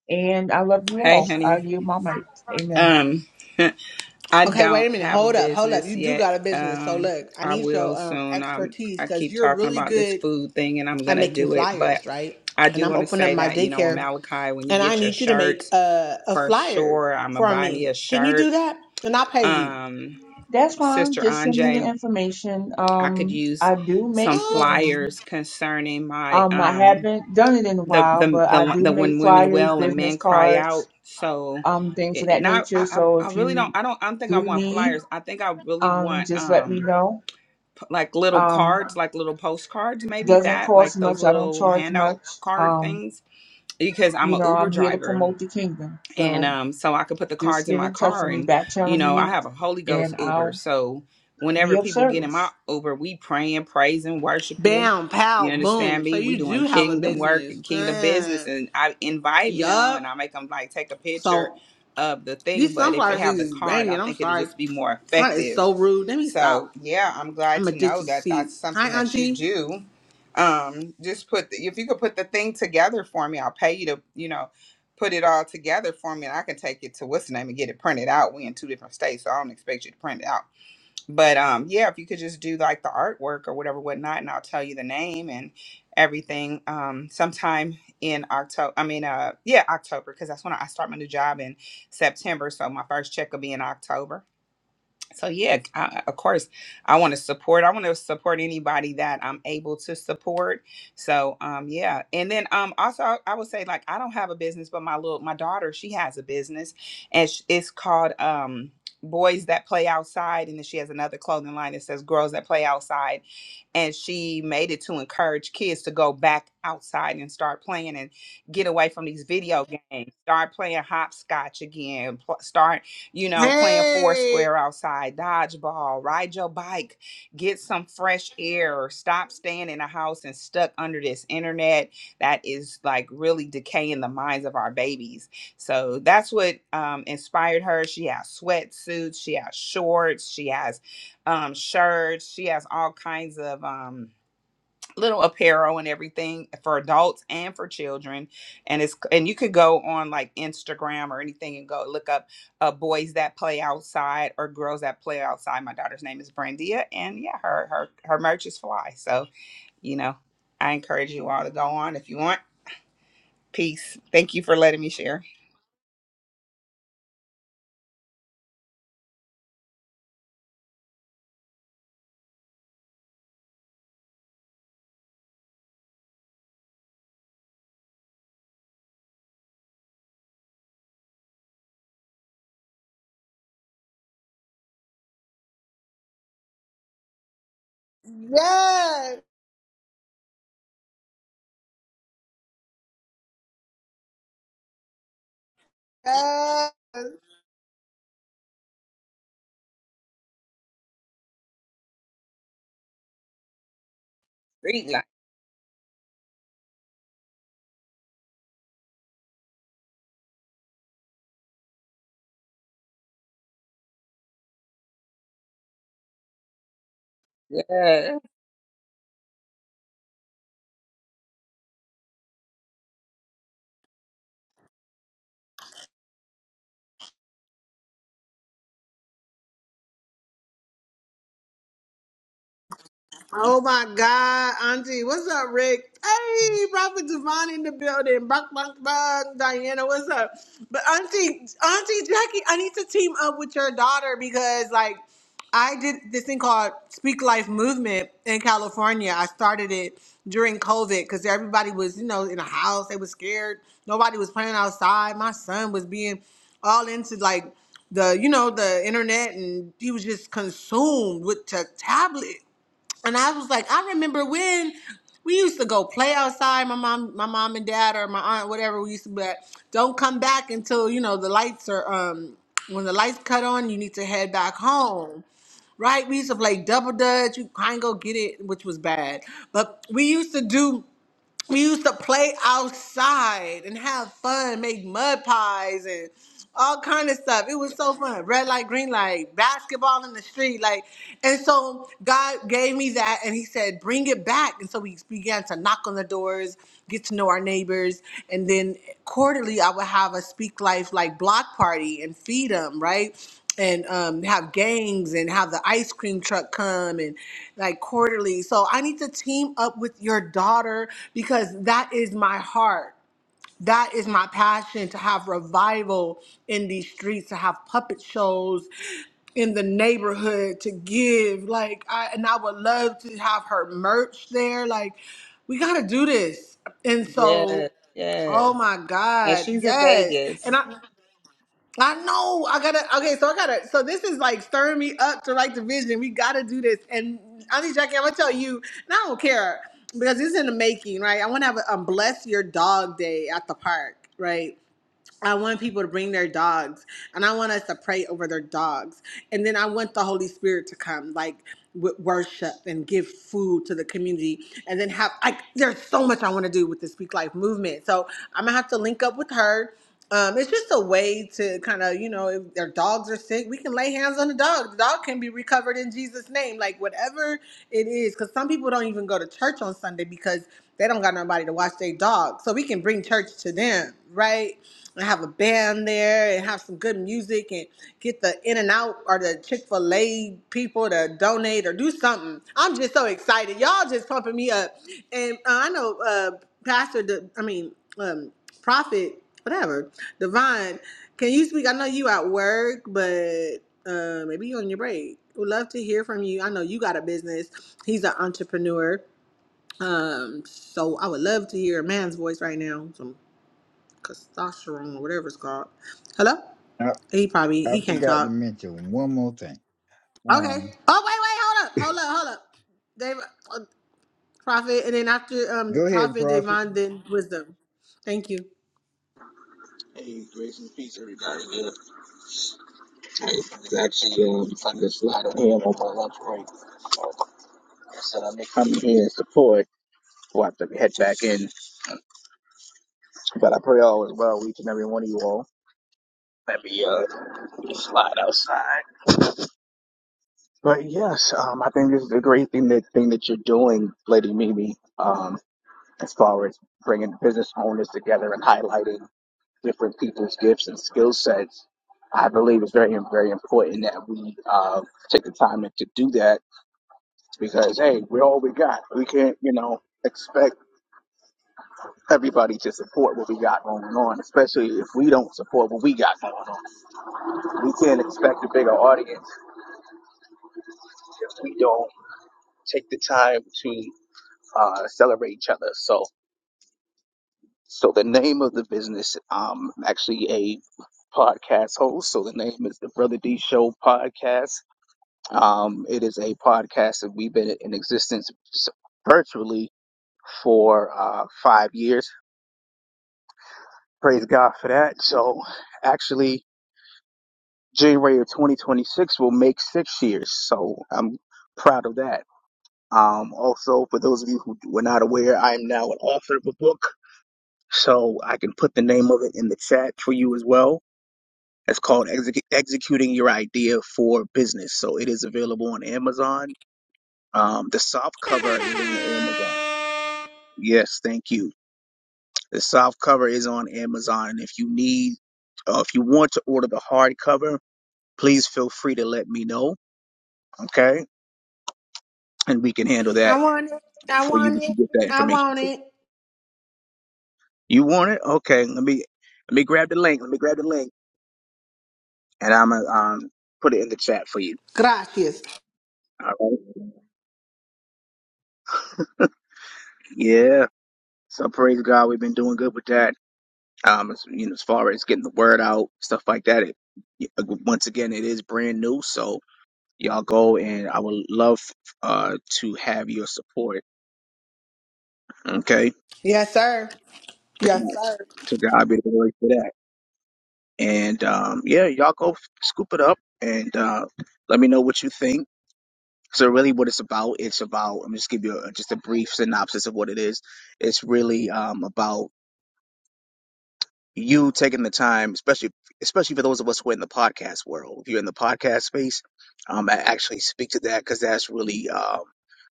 [SPEAKER 4] And I love you
[SPEAKER 5] Hey,
[SPEAKER 4] all. I
[SPEAKER 5] honey.
[SPEAKER 4] yield my mic. Amen.
[SPEAKER 5] Um, I
[SPEAKER 1] Okay, wait
[SPEAKER 5] don't
[SPEAKER 1] a minute.
[SPEAKER 5] have a
[SPEAKER 1] Hold up, hold up.
[SPEAKER 5] business
[SPEAKER 1] You do
[SPEAKER 5] yet.
[SPEAKER 1] got a business, so
[SPEAKER 5] Um,
[SPEAKER 1] look, I
[SPEAKER 5] I
[SPEAKER 1] need
[SPEAKER 5] will
[SPEAKER 1] your um
[SPEAKER 5] soon. I'm.
[SPEAKER 1] expertise
[SPEAKER 5] I
[SPEAKER 1] because
[SPEAKER 5] keep
[SPEAKER 1] you're
[SPEAKER 5] talking
[SPEAKER 1] really
[SPEAKER 5] about this
[SPEAKER 1] good
[SPEAKER 5] food thing, and I'm
[SPEAKER 1] at
[SPEAKER 5] gonna
[SPEAKER 1] making
[SPEAKER 5] do it. But
[SPEAKER 1] flyers, right?
[SPEAKER 5] I
[SPEAKER 1] And
[SPEAKER 5] do
[SPEAKER 1] I'm
[SPEAKER 5] want to
[SPEAKER 1] opening up
[SPEAKER 5] say
[SPEAKER 1] my
[SPEAKER 5] that you know, in
[SPEAKER 1] daycare,
[SPEAKER 5] Malachi, when you
[SPEAKER 1] and I
[SPEAKER 5] get your
[SPEAKER 1] need you to make
[SPEAKER 5] shirts,
[SPEAKER 1] a a
[SPEAKER 5] for
[SPEAKER 1] flyer
[SPEAKER 5] sure, I'm gonna
[SPEAKER 1] for
[SPEAKER 5] buy me a
[SPEAKER 1] me. Can you
[SPEAKER 5] shirt.
[SPEAKER 1] do that? And I'll pay you.
[SPEAKER 5] Um,
[SPEAKER 4] That's fine.
[SPEAKER 5] Sister
[SPEAKER 4] Just send me the
[SPEAKER 5] Anjay,
[SPEAKER 4] information.
[SPEAKER 5] I could
[SPEAKER 4] Um,
[SPEAKER 5] use
[SPEAKER 4] I do make
[SPEAKER 5] some
[SPEAKER 1] Uh,
[SPEAKER 4] flyers.
[SPEAKER 5] flyers concerning my
[SPEAKER 4] Um, I
[SPEAKER 5] um
[SPEAKER 4] haven't done it in a
[SPEAKER 5] the
[SPEAKER 4] while,
[SPEAKER 5] the
[SPEAKER 4] but I
[SPEAKER 5] the,
[SPEAKER 4] do
[SPEAKER 5] the
[SPEAKER 4] make
[SPEAKER 5] when women
[SPEAKER 4] flyers,
[SPEAKER 5] wail and
[SPEAKER 4] business
[SPEAKER 5] men cry
[SPEAKER 4] cards,
[SPEAKER 5] out. So
[SPEAKER 4] um, things of
[SPEAKER 5] it,
[SPEAKER 4] that
[SPEAKER 5] now
[SPEAKER 4] nature.
[SPEAKER 5] I,
[SPEAKER 4] So
[SPEAKER 5] I I
[SPEAKER 4] if
[SPEAKER 5] really don't
[SPEAKER 4] you
[SPEAKER 5] I don't I don't think I
[SPEAKER 4] do
[SPEAKER 5] want
[SPEAKER 4] need,
[SPEAKER 5] flyers. I think I really
[SPEAKER 4] um,
[SPEAKER 5] want
[SPEAKER 4] just let me
[SPEAKER 5] um
[SPEAKER 4] know.
[SPEAKER 5] p- like little
[SPEAKER 4] Um,
[SPEAKER 5] cards, like little postcards, maybe
[SPEAKER 4] doesn't
[SPEAKER 5] that
[SPEAKER 4] cost
[SPEAKER 5] like those
[SPEAKER 4] much. I don't
[SPEAKER 5] little
[SPEAKER 4] charge
[SPEAKER 5] handout
[SPEAKER 4] much.
[SPEAKER 5] card
[SPEAKER 4] Um,
[SPEAKER 5] things because I'm
[SPEAKER 4] You
[SPEAKER 5] a
[SPEAKER 4] know,
[SPEAKER 5] Uber
[SPEAKER 4] I'm here to
[SPEAKER 5] driver
[SPEAKER 4] promote the kingdom.
[SPEAKER 5] and
[SPEAKER 4] So
[SPEAKER 5] um, so I could put the
[SPEAKER 4] just
[SPEAKER 5] cards in
[SPEAKER 4] get
[SPEAKER 5] my
[SPEAKER 4] in touch
[SPEAKER 5] car,
[SPEAKER 4] with me,
[SPEAKER 5] and
[SPEAKER 4] back channel
[SPEAKER 5] you know, I
[SPEAKER 4] me,
[SPEAKER 5] have a Holy Ghost
[SPEAKER 4] and
[SPEAKER 5] Uber,
[SPEAKER 4] I'll
[SPEAKER 5] so
[SPEAKER 4] be
[SPEAKER 5] whenever
[SPEAKER 4] of
[SPEAKER 5] people get in my
[SPEAKER 4] service.
[SPEAKER 5] Uber, we praying, praising, worshiping.
[SPEAKER 1] Bam,
[SPEAKER 5] You
[SPEAKER 1] pow,
[SPEAKER 5] understand
[SPEAKER 1] boom. So
[SPEAKER 5] me? We
[SPEAKER 1] you
[SPEAKER 5] doing
[SPEAKER 1] do have a
[SPEAKER 5] kingdom work
[SPEAKER 1] business.
[SPEAKER 5] and kingdom business,
[SPEAKER 1] Uh,
[SPEAKER 5] and I invite them, and I
[SPEAKER 1] yup.
[SPEAKER 5] make them like take a picture
[SPEAKER 1] So
[SPEAKER 5] of the thing.
[SPEAKER 1] these
[SPEAKER 5] But if they
[SPEAKER 1] sunflower
[SPEAKER 5] have
[SPEAKER 1] seeds
[SPEAKER 5] the
[SPEAKER 1] is
[SPEAKER 5] card, I
[SPEAKER 1] banging. I'm
[SPEAKER 5] think it'll
[SPEAKER 1] sorry.
[SPEAKER 5] just be more
[SPEAKER 1] That is
[SPEAKER 5] effective
[SPEAKER 1] so rude. Let me
[SPEAKER 5] so
[SPEAKER 1] stop.
[SPEAKER 5] yeah, I'm glad
[SPEAKER 1] I'm
[SPEAKER 5] to know
[SPEAKER 1] addicted to
[SPEAKER 5] that that's
[SPEAKER 1] seeds.
[SPEAKER 5] something
[SPEAKER 1] Hi,
[SPEAKER 5] that you
[SPEAKER 1] Auntie.
[SPEAKER 5] do. Um, just put the, if you could put the thing together for me, I'll pay you to you know put it all together for me, and I can take it to what's the name and get it printed out. We in two different states, so I don't expect you to print it out. But um, yeah, if you could just do like the artwork or whatever, whatnot, and I'll tell you the name and everything. Um, sometime in October, I mean, uh, yeah, October, because that's when I start my new job in September. So my first check will be in October so yeah I, of course i want to support i want to support anybody that i'm able to support so um yeah and then um also i I would say like i don't have a business but my little my daughter she has a business and sh- it's called um boys that play outside and then she has another clothing line that says girls that play outside and she made it to encourage kids to go back outside and start playing and get away from these video games start playing hopscotch again pl- start you know, playing four
[SPEAKER 1] Hey.
[SPEAKER 5] square outside, dodgeball, ride your bike, get some fresh air, stop staying in a house and stuck under this internet that is like really decaying the minds of our babies. So that's what um, inspired her. She has sweatsuits, she has shorts, she has um, shirts, she has all kinds of. Um, little apparel and everything for adults and for children and it's and you could go on like instagram or anything and go look up uh, boys that play outside or girls that play outside my daughter's name is brandia and yeah her her her merch is fly so you know i encourage you all to go on if you want peace thank you for letting me share
[SPEAKER 1] Yes. yes.
[SPEAKER 5] street life yes
[SPEAKER 1] Oh my God, Auntie. What's up, Rick? Hey, Prophet Devon in the building. Buck, buck, buck. Diana, what's up? But Auntie, Auntie Jackie, I need to team up with your daughter because, like, I did this thing called Speak Life Movement in California. I started it during COVID because everybody was, you know, in a house. They were scared. Nobody was playing outside. My son was being all into like the, you know, the internet, and he was just consumed with the tablet and I was like, I remember when we used to go play outside. My mom, my mom and dad, or my aunt, whatever. We used to, be like, don't come back until you know the lights are. Um, when the lights cut on, you need to head back home. Right? We used to play double dutch. You kind of go get it, which was bad. But we used to do. We used to play outside and have fun, make mud pies and all kind of stuff. It was so fun. Red light, green light, basketball in the street, like. And so God gave me that, and He said, "Bring it back." And so we began to knock on the doors, get to know our neighbors, and then quarterly I would have a Speak Life like block party and feed them, right? and um, have gangs and have the ice cream truck come and like quarterly. So I need to team up with your daughter because that is my heart. That is my passion to have revival in these streets, to have puppet shows in the neighborhood, to give. Like, I, and I would love to have her merch there. Like, we gotta do this. And so,
[SPEAKER 5] yes
[SPEAKER 1] oh
[SPEAKER 5] yes
[SPEAKER 1] my
[SPEAKER 5] and
[SPEAKER 1] God,
[SPEAKER 5] she's in
[SPEAKER 1] yes. and
[SPEAKER 5] vegas
[SPEAKER 1] I. I know. I gotta. Okay, so I gotta. So this is like stirring me up to like the vision. We gotta do this. And Auntie Jackie, I'm gonna tell you, and I don't care because this is in the making, right? I want to have a um, bless your dog day at the park, right? I want people to bring their dogs and I want us to pray over their dogs. And then I want the Holy Spirit to come, like with worship and give food to the community. And then have, like, there's so much I want to do with the Speak Life movement. So I'm going to have to link up with her. Um, it's just a way to kind of, you know, if their dogs are sick, we can lay hands on the dog. The dog can be recovered in Jesus' name, like whatever it is. Because some people don't even go to church on Sunday because they don't got nobody to watch their dog. So we can bring church to them, right? and have a band there and have some good music and get the in and out or the chick-fil-a people to donate or do something i'm just so excited y'all just pumping me up and uh, i know uh pastor De- i mean um prophet whatever divine can you speak i know you at work but uh maybe you on your break would love to hear from you i know you got a business he's an entrepreneur um so i would love to hear a man's voice right now So testosterone or whatever it's called. Hello?
[SPEAKER 3] yeah.
[SPEAKER 1] He probably
[SPEAKER 3] I
[SPEAKER 1] he can't
[SPEAKER 3] forgot to
[SPEAKER 1] talk.
[SPEAKER 3] mention one more thing.
[SPEAKER 1] Okay. Oh wait, wait,
[SPEAKER 3] Um,
[SPEAKER 1] hold up, hold up, hold up. Dave, uh, Prophet, and then after um
[SPEAKER 3] go ahead,
[SPEAKER 1] Prophet
[SPEAKER 3] Prophet.
[SPEAKER 1] Devon, then Wisdom. Thank you.
[SPEAKER 6] Hey, grace and peace, everybody. Yeah. I was actually um, trying to slide a ham on my lunch break. So I said I may come in here and support. We'll have to head back in. But I pray all is well with each and every one of you all. Let me uh, slide outside. But yes, um, I think this is a great thing that thing that you're doing, Lady Mimi, um, as far as bringing business owners together and highlighting different people's gifts and skill sets. I believe it's very, very important that we uh, take the time to do that because hey, we're all we got. We can't, you know, expect everybody to support what we got going on, especially if we don't support what we got going on. We can't expect a bigger audience if we don't take the time to uh, celebrate each other. So, so the name of the business, um, I'm actually a podcast host. So the name is the Brother D Show Podcast. Um, it is a podcast that we've been in existence virtually for uh, five years Praise God for that. So actually, January of 2026 will make six years. So I'm proud of that. Um, also, for those of you who were not aware, I am now an author of a book. So I can put the name of it in the chat for you as well. It's called Exec- Executing Your Idea for Business. So it is available on Amazon. Um, the soft cover is on Amazon. Yes, thank you. The soft cover is on Amazon. And if you need, uh, if you want to order the hardcover, please feel free to let me know. Okay. And we can handle that
[SPEAKER 1] I want it. I
[SPEAKER 6] for you. We
[SPEAKER 1] want
[SPEAKER 6] can
[SPEAKER 1] it.
[SPEAKER 6] get that
[SPEAKER 1] I
[SPEAKER 6] information
[SPEAKER 1] want
[SPEAKER 6] to you.
[SPEAKER 1] it.
[SPEAKER 6] You want it? Okay. Let me, let me grab the link. Let me grab the link and I'm going to um, put it in the chat for you.
[SPEAKER 1] Gracias.
[SPEAKER 6] All right. Yeah. So praise God. We've been doing good with that. Um, as, you know, as far as getting the word out, stuff like that. It, it- once again, it is brand new. So y'all go and I would love, uh, to have your support. Okay.
[SPEAKER 1] Yes, sir. Yes, sir.
[SPEAKER 6] To God be the glory for that. And um, yeah, y'all go scoop it up and uh, let me know what you think. So really, what it's about? It's about. I'm just give you a, just a brief synopsis of what it is. It's really um, about you taking the time, especially especially for those of us who are in the podcast world. If you're in the podcast space, um, I actually speak to that because that's really um,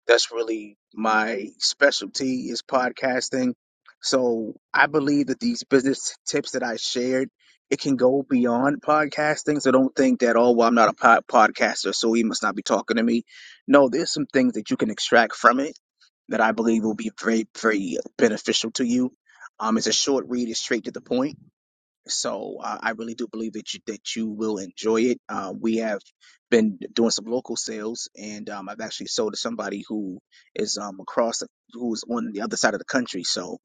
[SPEAKER 6] that's really my specialty is podcasting. So I believe that these business tips that I shared, it can go beyond podcasting. So don't think that oh well I'm not a pod- podcaster, so he must not be talking to me. No, there's some things that you can extract from it that I believe will be very very beneficial to you. Um, it's a short read, it's straight to the point so uh, I really do believe that you that you will enjoy it. Uh, we have been doing some local sales, and um, I've actually sold to somebody who is um, across who is on the other side of the country. So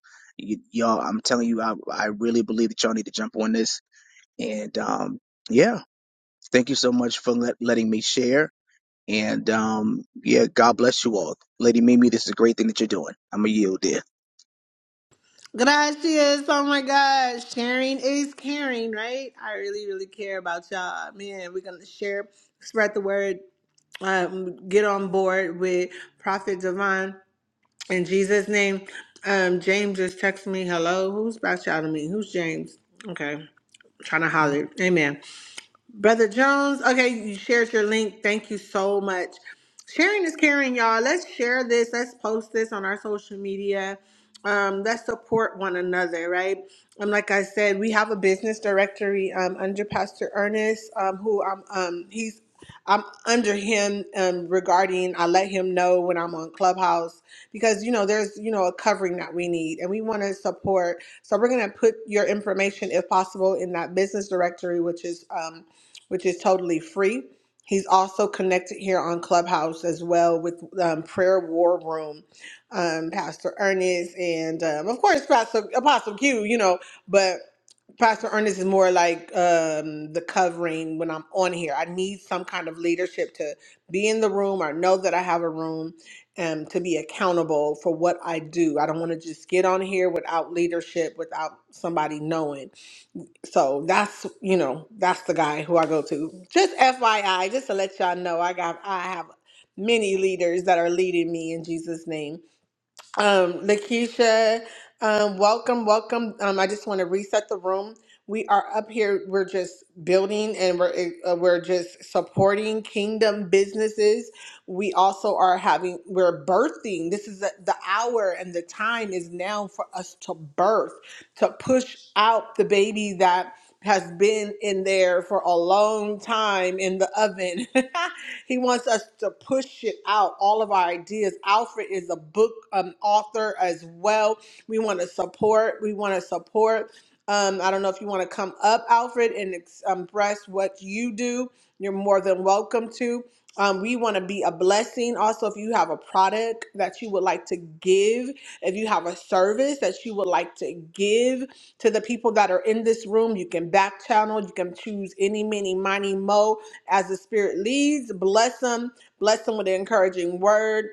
[SPEAKER 6] y- y'all, I'm telling you, I I really believe that y'all need to jump on this. And um, yeah, thank you so much for let, letting me share. And um, yeah, God bless you all, Lady Mimi. This is a great thing that you're doing. I'm a yield, dear.
[SPEAKER 1] Gracias. Oh my gosh. Sharing is caring, right? I really, really care about y'all. Man, we're gonna share, spread the word, um, get on board with Prophet Devon. In Jesus' name, um, James just texted me, hello, who's about y'all to shout at me? Who's James? Okay, trying to holler. Amen. Brother Jones, okay, you shared your link. Thank you so much. Sharing is caring, y'all. Let's share this. Let's post this on our social media. Um, let's support one another, right? And like I said, we have a business directory um, under Pastor Ernest, um, who I'm. Um, he's I'm under him um, regarding. I let him know when I'm on Clubhouse because you know there's you know a covering that we need, and we want to support. So we're gonna put your information, if possible, in that business directory, which is. Um, which is totally free. He's also connected here on Clubhouse as well with um, Prayer War Room, um, Pastor Ernest, and um, of course Pastor Apostle Q. You know, but Pastor Ernest is more like um, the covering when I'm on here. I need some kind of leadership to be in the room or know that I have a room and to be accountable for what I do. I don't want to just get on here without leadership, without somebody knowing. So that's you know that's the guy who I go to. Just FYI, just to let y'all know, I got I have many leaders that are leading me in Jesus' name. Um, Lakeisha, um, welcome, welcome. Um, I just want to reset the room. We are up here. We're just building and we're eh, uh, we're just supporting kingdom businesses. We also are having we're birthing. This is the, the hour and the time is now for us to birth, to push out the baby that has been in there for a long time in the oven. He wants us to push it out, all of our ideas. Alfred is a book um, author as well. We want to support. We want to support. Um, I don't know if you want to come up, Alfred, and ex- um, express what you do. You're more than welcome to. Um, we want to be a blessing. Also, if you have a product that you would like to give, if you have a service that you would like to give to the people that are in this room, you can back channel. You can choose any, many, money, mo as the Spirit leads. Bless them. Bless them with an encouraging word.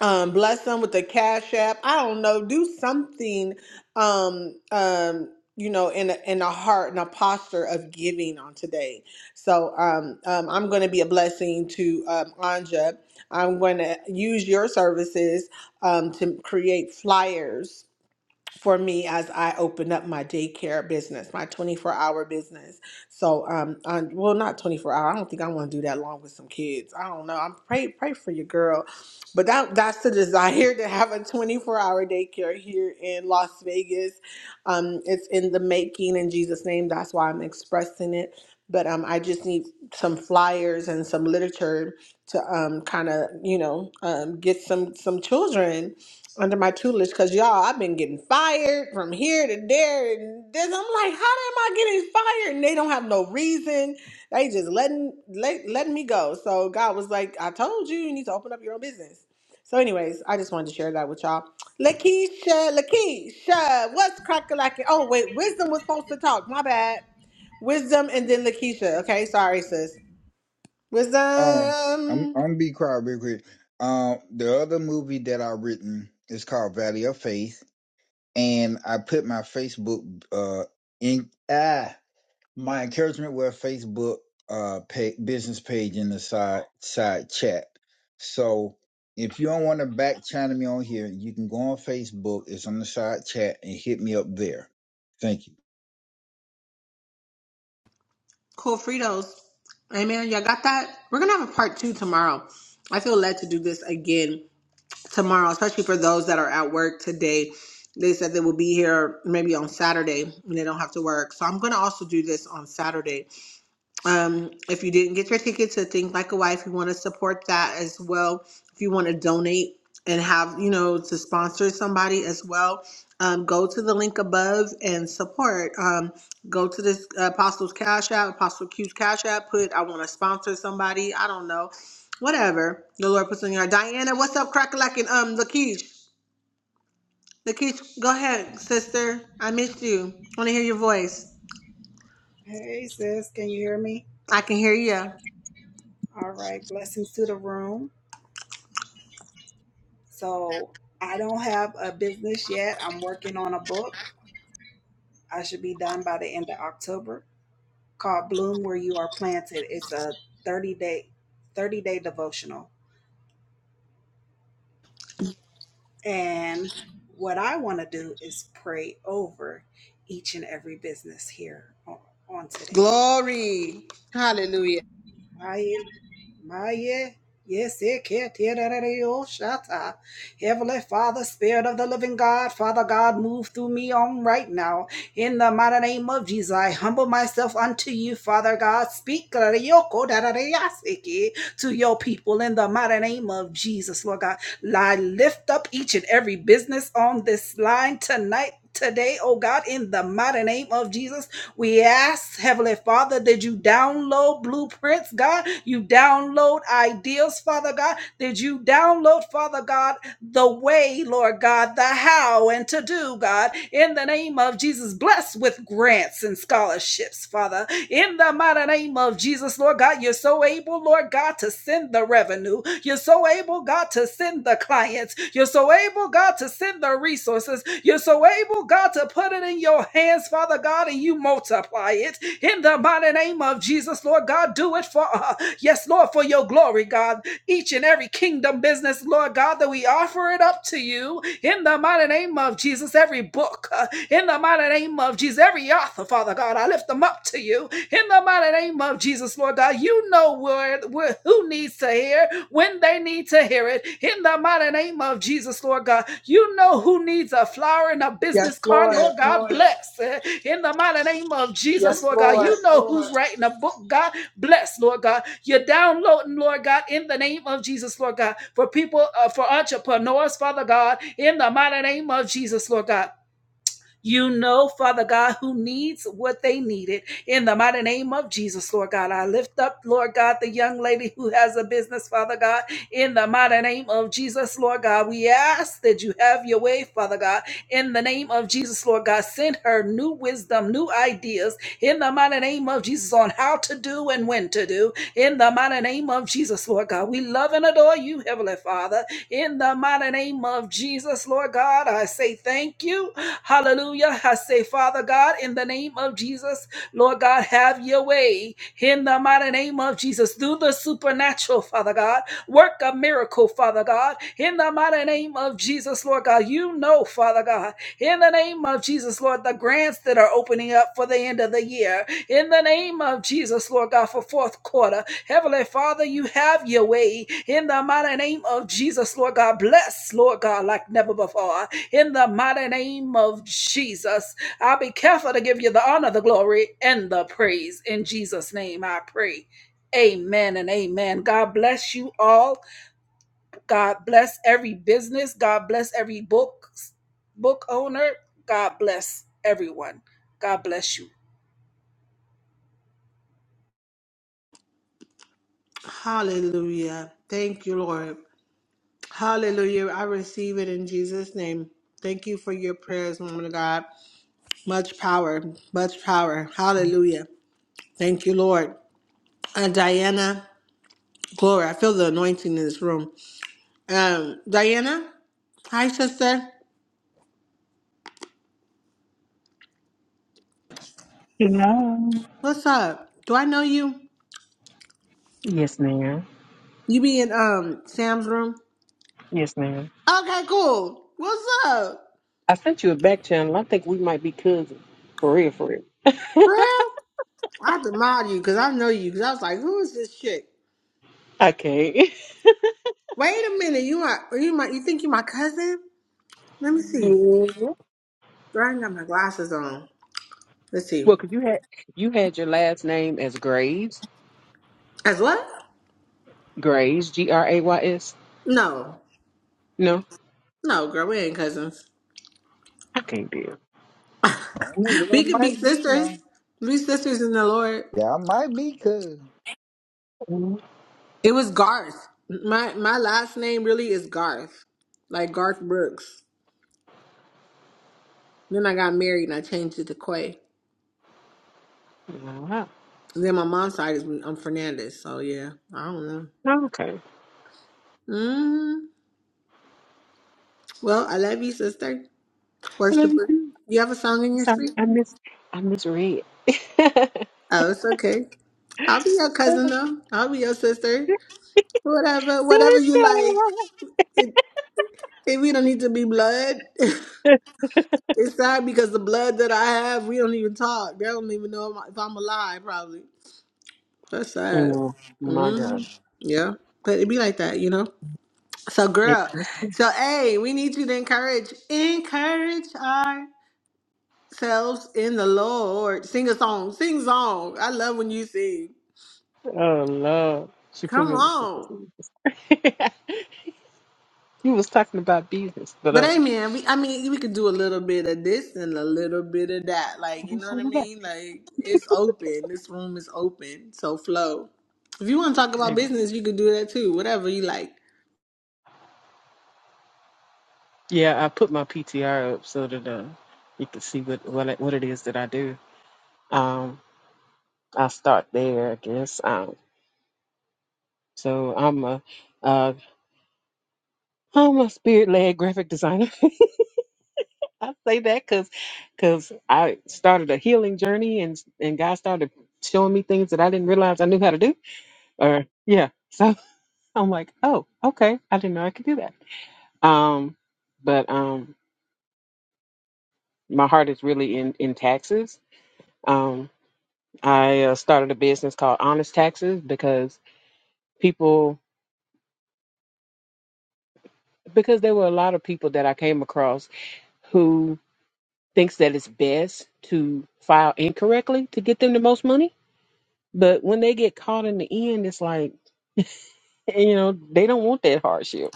[SPEAKER 1] Um, bless them with the cash app. I don't know. Do something. Um, um, you know, in a, in a heart and a posture of giving on today. So um, um, I'm going to be a blessing to um, Anja. I'm going to use your services um, to create flyers for me as I open up my daycare business, my 24 hour business. So, um, on, well, not 24 hour. I don't think I want to do that long with some kids. I don't know. I'm pray pray for your girl, but that that's the desire to have a 24 hour daycare here in Las Vegas. Um, it's in the making in Jesus' name. That's why I'm expressing it. But um, I just need some flyers and some literature to um, kind of you know um, get some some children under my tutelage because y'all, I've been getting fired from here to there and this. I'm like, how am I getting fired? And they don't have no reason. They just letting let, letting me go. So God was like, I told you, you need to open up your own business. So, anyways, I just wanted to share that with y'all. Lakeisha, Lakeisha, what's cracking? Oh, wait, Wisdom was supposed to talk. My bad. Wisdom and then Lakeisha. Okay, sorry, sis.
[SPEAKER 3] Um, I'm
[SPEAKER 1] Wisdom.
[SPEAKER 3] I'm gonna be quiet real quick. Um, the other movie that I written is called Valley of Faith, and I put my Facebook uh in ah my encouragement with Facebook uh pa business page in the side side chat. So if you don't want to back channel me on here, you can go on Facebook. It's on the side chat and hit me up there. Thank you.
[SPEAKER 1] Cool Fritos. Hey man, y'all got that? We're gonna have a part two tomorrow. I feel led to do this again tomorrow, especially for those that are at work today. They said they will be here maybe on Saturday when they don't have to work. So I'm gonna also do this on Saturday um, if you didn't get your ticket to Think Like a Wife, we want to support that as well. If you want to donate and have, you know, to sponsor somebody as well, um, go to the link above and support. Um, go to this uh, Apostles Cash App, Apostle Q's Cash App, put, I want to sponsor somebody. I don't know. Whatever the Lord puts on your Diana, what's up, crack-a-lack? And um, Lakeish, Lakeish, go ahead, sister. I missed you. want to hear your voice.
[SPEAKER 7] Hey sis, can you hear me?
[SPEAKER 1] I can hear you.
[SPEAKER 7] All right, blessings to the room. So I don't have a business yet. I'm working on a book. I should be done by the end of October called Bloom Where You Are Planted. It's a 30 day 30 day devotional. And what I want to do is pray over each and every business here on, on today.
[SPEAKER 1] Glory. Hallelujah.
[SPEAKER 7] Right? Maye, yes, it can't hear that at all, shut up. Heavenly Father, Spirit of the Living God, Father God, move through me on right now. In the mighty name of Jesus, I humble myself unto you, Father God. Speak that at all, ko that at all, siki, to your people in the mighty name of Jesus, Lord God. I lift up each and every business on this line tonight. Today, oh God, in the mighty name of Jesus, we ask, Heavenly Father, did you download blueprints, God? You download ideals, Father God? Did you download, Father God, the way, Lord God, the how and to do, God? In the name of Jesus, bless with grants and scholarships, Father in the mighty name of Jesus, Lord God. You're so able, Lord God, to send the revenue. You're so able, God, to send the clients. You're so able, God, to send the resources. You're so able, God, to put it in your hands, Father God, and you multiply it in the mighty name of Jesus, Lord God. Do it for uh, yes, Lord, for your glory, God each and every kingdom business, Lord God, that we offer it up to you in the mighty name of Jesus. Every book, uh, in the mighty name of Jesus, every author, Father God, I lift them up to you in the mighty name of Jesus, Lord God. You know where, where who needs to hear when they need to hear it in the mighty name of Jesus, Lord God. You know who needs a flower and a
[SPEAKER 1] Yes,
[SPEAKER 7] business card, Yes,
[SPEAKER 1] Lord.
[SPEAKER 7] Lord God. Lord. Bless eh, in the mighty name of Jesus,
[SPEAKER 1] Yes,
[SPEAKER 7] Lord God. Yes, You
[SPEAKER 1] Lord.
[SPEAKER 7] Yes, know Lord. who's writing a book, God. Bless, Lord God. You're downloading, Lord God, in the name of Jesus, Lord God, for people, uh, for entrepreneurs, Father God, in the mighty name of Jesus, Lord God. You know, Father God, who needs what they needed. In the mighty name of Jesus, Lord God, I lift up, Lord God, the young lady who has a business, Father God. In the mighty name of Jesus, Lord God, we ask that you have your way, Father God. In the name of Jesus, Lord God, send her new wisdom, new ideas. In the mighty name of Jesus, on how to do and when to do. In the mighty name of Jesus, Lord God, we love and adore you, Heavenly Father. In the mighty name of Jesus, Lord God, I say thank you. Hallelujah. I say, Father God, in the name of Jesus, Lord God, have your way in the mighty name of Jesus. Do the supernatural, Father God. Work a miracle, Father God, in the mighty name of Jesus, Lord God. You know, Father God, in the name of Jesus, Lord, the grants that are opening up for the end of the year. In the name of Jesus, Lord God, for fourth quarter. Heavenly Father, you have your way in the mighty name of Jesus, Lord God. Bless, Lord God, like never before in the mighty name of Jesus. I'll be careful to give you the honor, the glory, and the praise. In Jesus' name, I pray. Amen and amen. God bless you all. God bless every business. God bless every book book owner. God bless everyone. God bless you.
[SPEAKER 1] Hallelujah. Thank you, Lord. Hallelujah. I receive it in Jesus' name. Thank you for your prayers, woman of God. Much power, much power. Hallelujah. Thank you, Lord. Uh, Diana, glory. I feel the anointing in this room. Um, Diana, hi, sister.
[SPEAKER 8] Hello.
[SPEAKER 1] What's up? Do I know you?
[SPEAKER 8] Yes, ma'am.
[SPEAKER 1] You be in um Sam's room?
[SPEAKER 8] Yes, ma'am.
[SPEAKER 1] Okay, cool. What's up?
[SPEAKER 8] I sent you a back channel. I think we might be cousins. For real, for real.
[SPEAKER 1] Real? I have to mod you because I know you. Because I was like, who is this chick?
[SPEAKER 8] I can't.
[SPEAKER 1] Wait a minute, you my, are you my, you think you my cousin? Let me
[SPEAKER 8] Yeah.
[SPEAKER 1] see.
[SPEAKER 8] well,
[SPEAKER 1] Girl, I ain't got my glasses on. Let's see.
[SPEAKER 8] because you had you had your last name as Graves.
[SPEAKER 1] As what?
[SPEAKER 8] Graves, G R A Y S.
[SPEAKER 1] No,
[SPEAKER 8] No,
[SPEAKER 1] no, girl, we ain't cousins.
[SPEAKER 8] I can't do.
[SPEAKER 3] I don't know, there
[SPEAKER 1] We could be
[SPEAKER 3] might be
[SPEAKER 1] sisters.
[SPEAKER 3] none.
[SPEAKER 1] We sisters in the Lord.
[SPEAKER 3] Yeah, I might be cuz.
[SPEAKER 8] No,
[SPEAKER 1] It was Garth. My my last name really is Garth, like Garth Brooks. Then I got married and I changed it to Quay.
[SPEAKER 8] wow.
[SPEAKER 1] And then my mom's side is I'm Fernandez. So yeah, I don't know.
[SPEAKER 8] No, okay.
[SPEAKER 1] Mm, well, I love you, sister.
[SPEAKER 8] I love you
[SPEAKER 1] Worshiper.
[SPEAKER 8] too.
[SPEAKER 1] You have a song in your
[SPEAKER 8] Sorry,
[SPEAKER 1] screen?
[SPEAKER 8] I miss I misread.
[SPEAKER 1] Oh, it's okay. I'll be your cousin though. I'll be your sister. Whatever, whatever you like.
[SPEAKER 8] Sister.
[SPEAKER 1] It, it, we don't need to be blood. it's sad because the blood that I have, we don't even talk. They don't even know if I'm if I'm alive. Probably. That's sad.
[SPEAKER 8] Oh my God.
[SPEAKER 1] Mm, yeah, but it be like that, you know. So,
[SPEAKER 8] It,
[SPEAKER 1] girl. So, hey, we need you to encourage, encourage ourselves in the Lord. Sing a song. Sing song. I love when you sing.
[SPEAKER 8] oh Lord. She put
[SPEAKER 1] Come
[SPEAKER 8] me on
[SPEAKER 1] on.
[SPEAKER 8] the spot. You was talking about business, but
[SPEAKER 1] But
[SPEAKER 8] uh,
[SPEAKER 1] hey, man. We I mean we could do a little bit of this and a little bit of that. Like, you know what I
[SPEAKER 8] Amen.
[SPEAKER 1] mean? Like it's open. This room is open. So flow. If you want to talk about business, you could do that too. Whatever you like.
[SPEAKER 8] yeah, I put my PTR up so that uh, you can see what what it, what it is that I do. Um, I'll start there, I guess. Um, so I'm a uh, I'm a spirit led graphic designer. I say that because because I started a healing journey and and God started showing me things that I didn't realize I knew how to do. Or yeah, so I'm like, oh, okay, I didn't know I could do that. Um, but um. my heart is really in in taxes. Um, I uh, started a business called Honest Taxes because people because there were a lot of people that I came across who thinks that it's best to file incorrectly to get them the most money, but when they get caught in the end, it's like you know they don't want that hardship,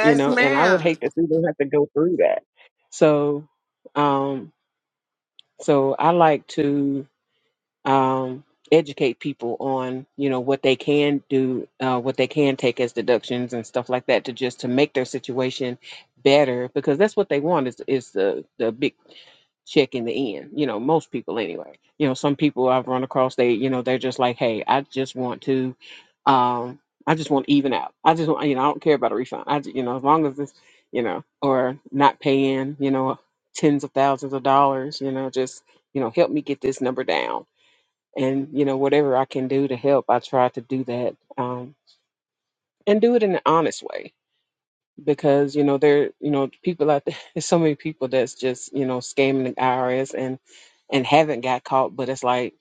[SPEAKER 8] you know, and I would
[SPEAKER 1] ma'am.
[SPEAKER 8] hate to see them have to go through that. So, um, so I like to. um, educate people on you know what they can do, uh, what they can take as deductions and stuff like that to just to make their situation better because that's what they want is is the the big check in the end. You know, most people anyway. You know, some people I've run across they you know they're just like, hey, I just want to. Um, I just want to even out. I just want, you know, I don't care about a refund. I, ju- you know, as long as this, you know, or not paying, you know, tens of thousands of dollars, you know, just, you know, help me get this number down and you know whatever i can do to help i try to do that um, and do it in an honest way because you know there you know people out there there's so many people that's just you know scamming the irs and and haven't got caught but it's like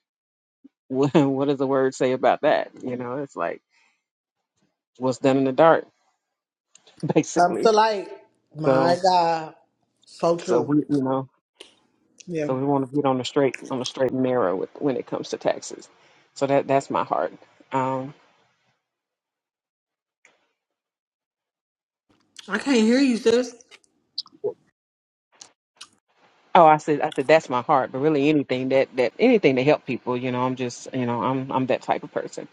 [SPEAKER 8] what, what does the word say about that you know it's like what's done in the dark
[SPEAKER 1] Comes
[SPEAKER 8] basically
[SPEAKER 1] to light. My
[SPEAKER 8] so
[SPEAKER 1] God. So
[SPEAKER 8] so we
[SPEAKER 1] true.
[SPEAKER 8] you know
[SPEAKER 1] Yeah.
[SPEAKER 8] so we want to get on the straight on the straight and narrow with when it comes to taxes so that that's my heart um
[SPEAKER 1] I can't hear you, sis.
[SPEAKER 8] Oh, I said, I said that's my heart, but really anything that that anything to help people, you know, I'm just, you know, I'm I'm that type of person.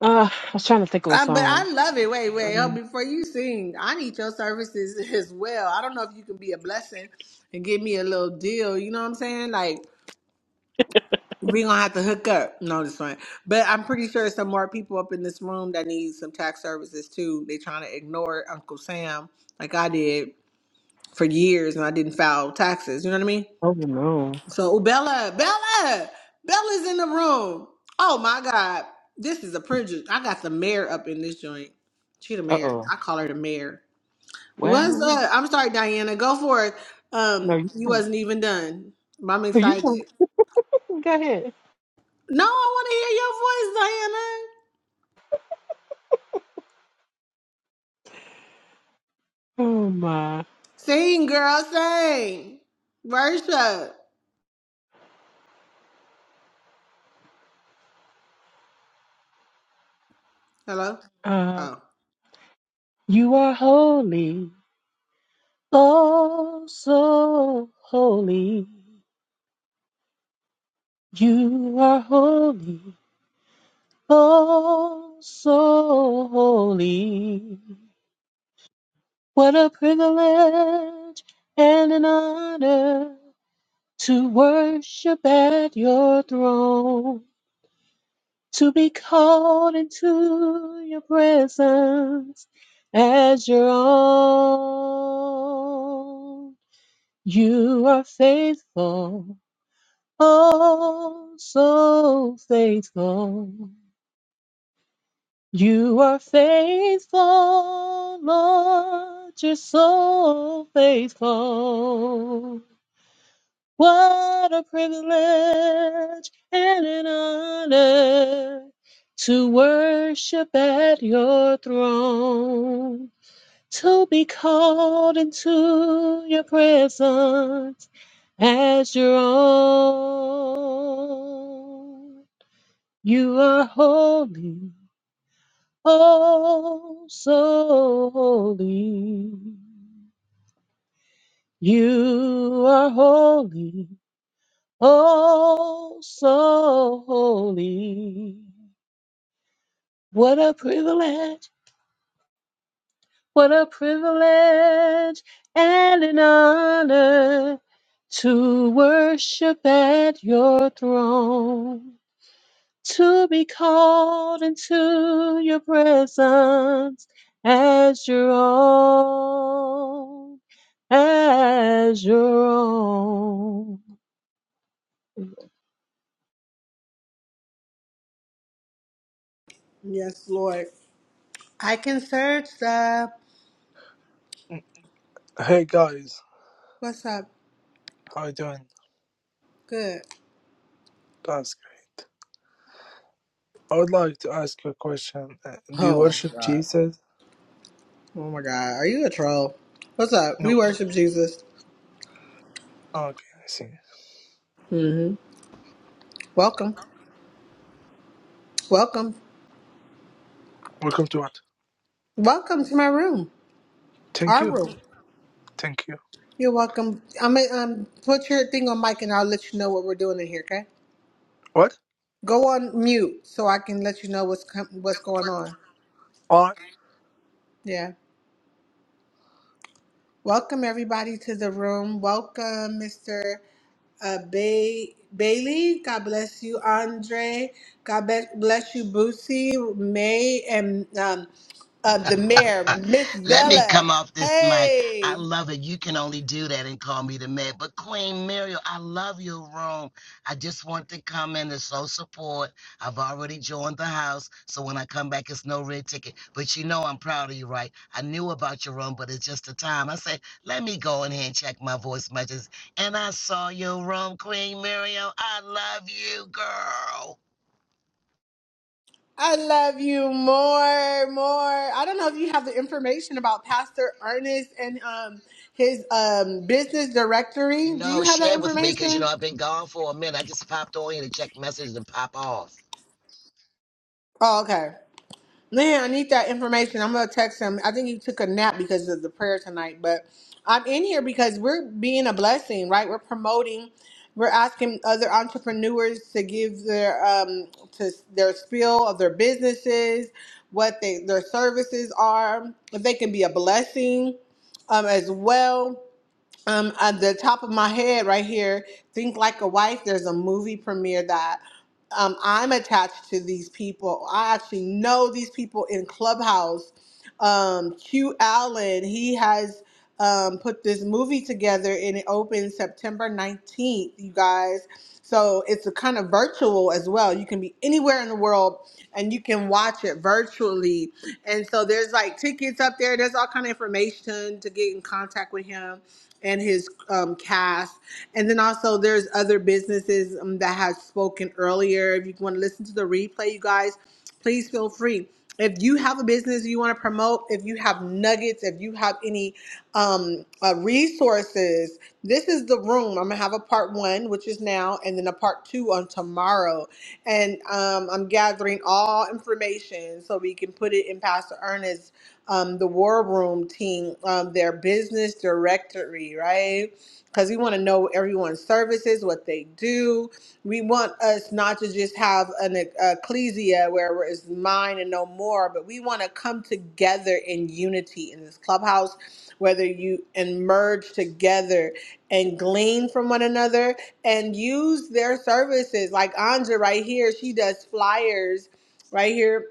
[SPEAKER 8] Uh, I was trying to think of a
[SPEAKER 1] I, but
[SPEAKER 8] song.
[SPEAKER 1] I love it. Wait, wait. Oh,
[SPEAKER 8] Um,
[SPEAKER 1] before you sing, I need your services as well. I don't know if you can be a blessing and give me a little deal. You know what I'm saying? Like we gonna have to hook up. No, this one. But I'm pretty sure some more people up in this room that need some tax services too. They trying to ignore Uncle Sam like I did for years and I didn't file taxes. You know what I mean?
[SPEAKER 8] oh no.
[SPEAKER 1] So oh, Bella, Bella, Bella's in the room. Oh my God. This is a privilege. I got the mayor up in this joint. She the
[SPEAKER 8] Uh
[SPEAKER 1] mayor.
[SPEAKER 8] oh.
[SPEAKER 1] I call her the mayor. What's
[SPEAKER 8] Well,
[SPEAKER 1] up? I'm sorry, Diana. Go for it.
[SPEAKER 8] no,
[SPEAKER 1] Um,
[SPEAKER 8] you
[SPEAKER 1] you
[SPEAKER 8] can't.
[SPEAKER 1] wasn't even done. But I'm
[SPEAKER 8] No, you can't.
[SPEAKER 1] excited.
[SPEAKER 8] Go ahead.
[SPEAKER 1] No, I want to hear your voice, Diana.
[SPEAKER 8] Oh my.
[SPEAKER 1] Sing, girl, sing. Worship. Hello?
[SPEAKER 8] Uh,
[SPEAKER 1] Oh.
[SPEAKER 8] you are holy, oh so holy. You are holy, oh so holy. What a privilege and an honor to worship at your throne, to be called into your presence as your own. You are faithful, oh, so faithful. You are faithful, Lord, you're so faithful. What a privilege and an honor to worship at your throne, to be called into your presence as your own. You are holy, oh, so holy. You are holy. Oh, so holy. What a privilege, what a privilege and an honor to worship at your throne, to be called into your presence as your own, as your own.
[SPEAKER 1] Yes, Lord. I can search the.
[SPEAKER 9] Hey guys,
[SPEAKER 1] What's up?
[SPEAKER 9] how you doing?
[SPEAKER 1] Good.
[SPEAKER 9] That's great. I would like to ask you a question. Uh, do you
[SPEAKER 1] Oh
[SPEAKER 9] worship
[SPEAKER 1] God.
[SPEAKER 9] Jesus?
[SPEAKER 1] Oh my God. Are you a troll? What's up?
[SPEAKER 9] No.
[SPEAKER 1] We worship Jesus.
[SPEAKER 9] Okay, I see.
[SPEAKER 1] Mm-hmm. Welcome. Welcome.
[SPEAKER 9] Welcome to what?
[SPEAKER 1] Welcome to my room.
[SPEAKER 9] Thank
[SPEAKER 1] Our
[SPEAKER 9] you.
[SPEAKER 1] room.
[SPEAKER 9] Thank you.
[SPEAKER 1] You're welcome. I'm gonna um, put your thing on mic and I'll let you know what we're doing in here, okay?
[SPEAKER 9] What?
[SPEAKER 1] Go on mute so I can let you know what's com- what's going on.
[SPEAKER 9] Alright.
[SPEAKER 1] Yeah. Welcome everybody to the room. Welcome, Mr. Uh, Bay- Bailey. God bless you, Andre. God be- bless you, Boosie, May, and um, uh, the mayor, Miss
[SPEAKER 10] Let me
[SPEAKER 1] Bella.
[SPEAKER 10] come off this mic. I
[SPEAKER 1] Hey,
[SPEAKER 10] love it. You can only do that and call me the man. But Queen Muriel, I love your room. I just want to come in to show support. I've already joined the house, so when I come back, it's no red ticket. But you know I'm proud of you, right? I knew about your room, but it's just the time. I said, let me go in here and check my voice messages. And I saw your room, Queen Muriel. I love you, girl.
[SPEAKER 1] I love you more, more. I don't know if you have the information about Pastor Ernest and um, his um, business directory. Do
[SPEAKER 10] No,
[SPEAKER 1] you have that
[SPEAKER 10] share with me because you know
[SPEAKER 1] information?
[SPEAKER 10] I've been gone for a minute. I just popped on here to check messages and pop off.
[SPEAKER 1] Oh, okay. Man, I need that information. I'm gonna text him. I think he took a nap because of the prayer tonight, but I'm in here because we're being a blessing, right? We're promoting, we're asking other entrepreneurs to give their um to their spiel of their businesses, what they their services are, if they can be a blessing um as well. Um, at the top of my head, right here, Think Like a Wife. There's a movie premiere that um, I'm attached to these people. I actually know these people in Clubhouse. Um, Q Allen, he has um, put this movie together, and it opens September 19th. You guys, so it's a kind of virtual as well. You can be anywhere in the world, and you can watch it virtually. And so there's like tickets up there. There's all kind of information to get in contact with him and his um, cast. And then also there's other businesses um, that have spoken earlier. If you want to listen to the replay, you guys, please feel free. If you have a business you want to promote, if you have nuggets, if you have any um, uh, resources, this is the room. I'm gonna have a part one, which is now, and then a part two on tomorrow. And um, I'm gathering all information so we can put it in Pastor Ernest um, the War Room team, um, their business directory, right? Because we want to know everyone's services, what they do. We want us not to just have an e- ecclesia where it's mine and no more, but we want to come together in unity in this clubhouse, whether you and merge together and glean from one another and use their services. Like Anja right here, she does flyers right here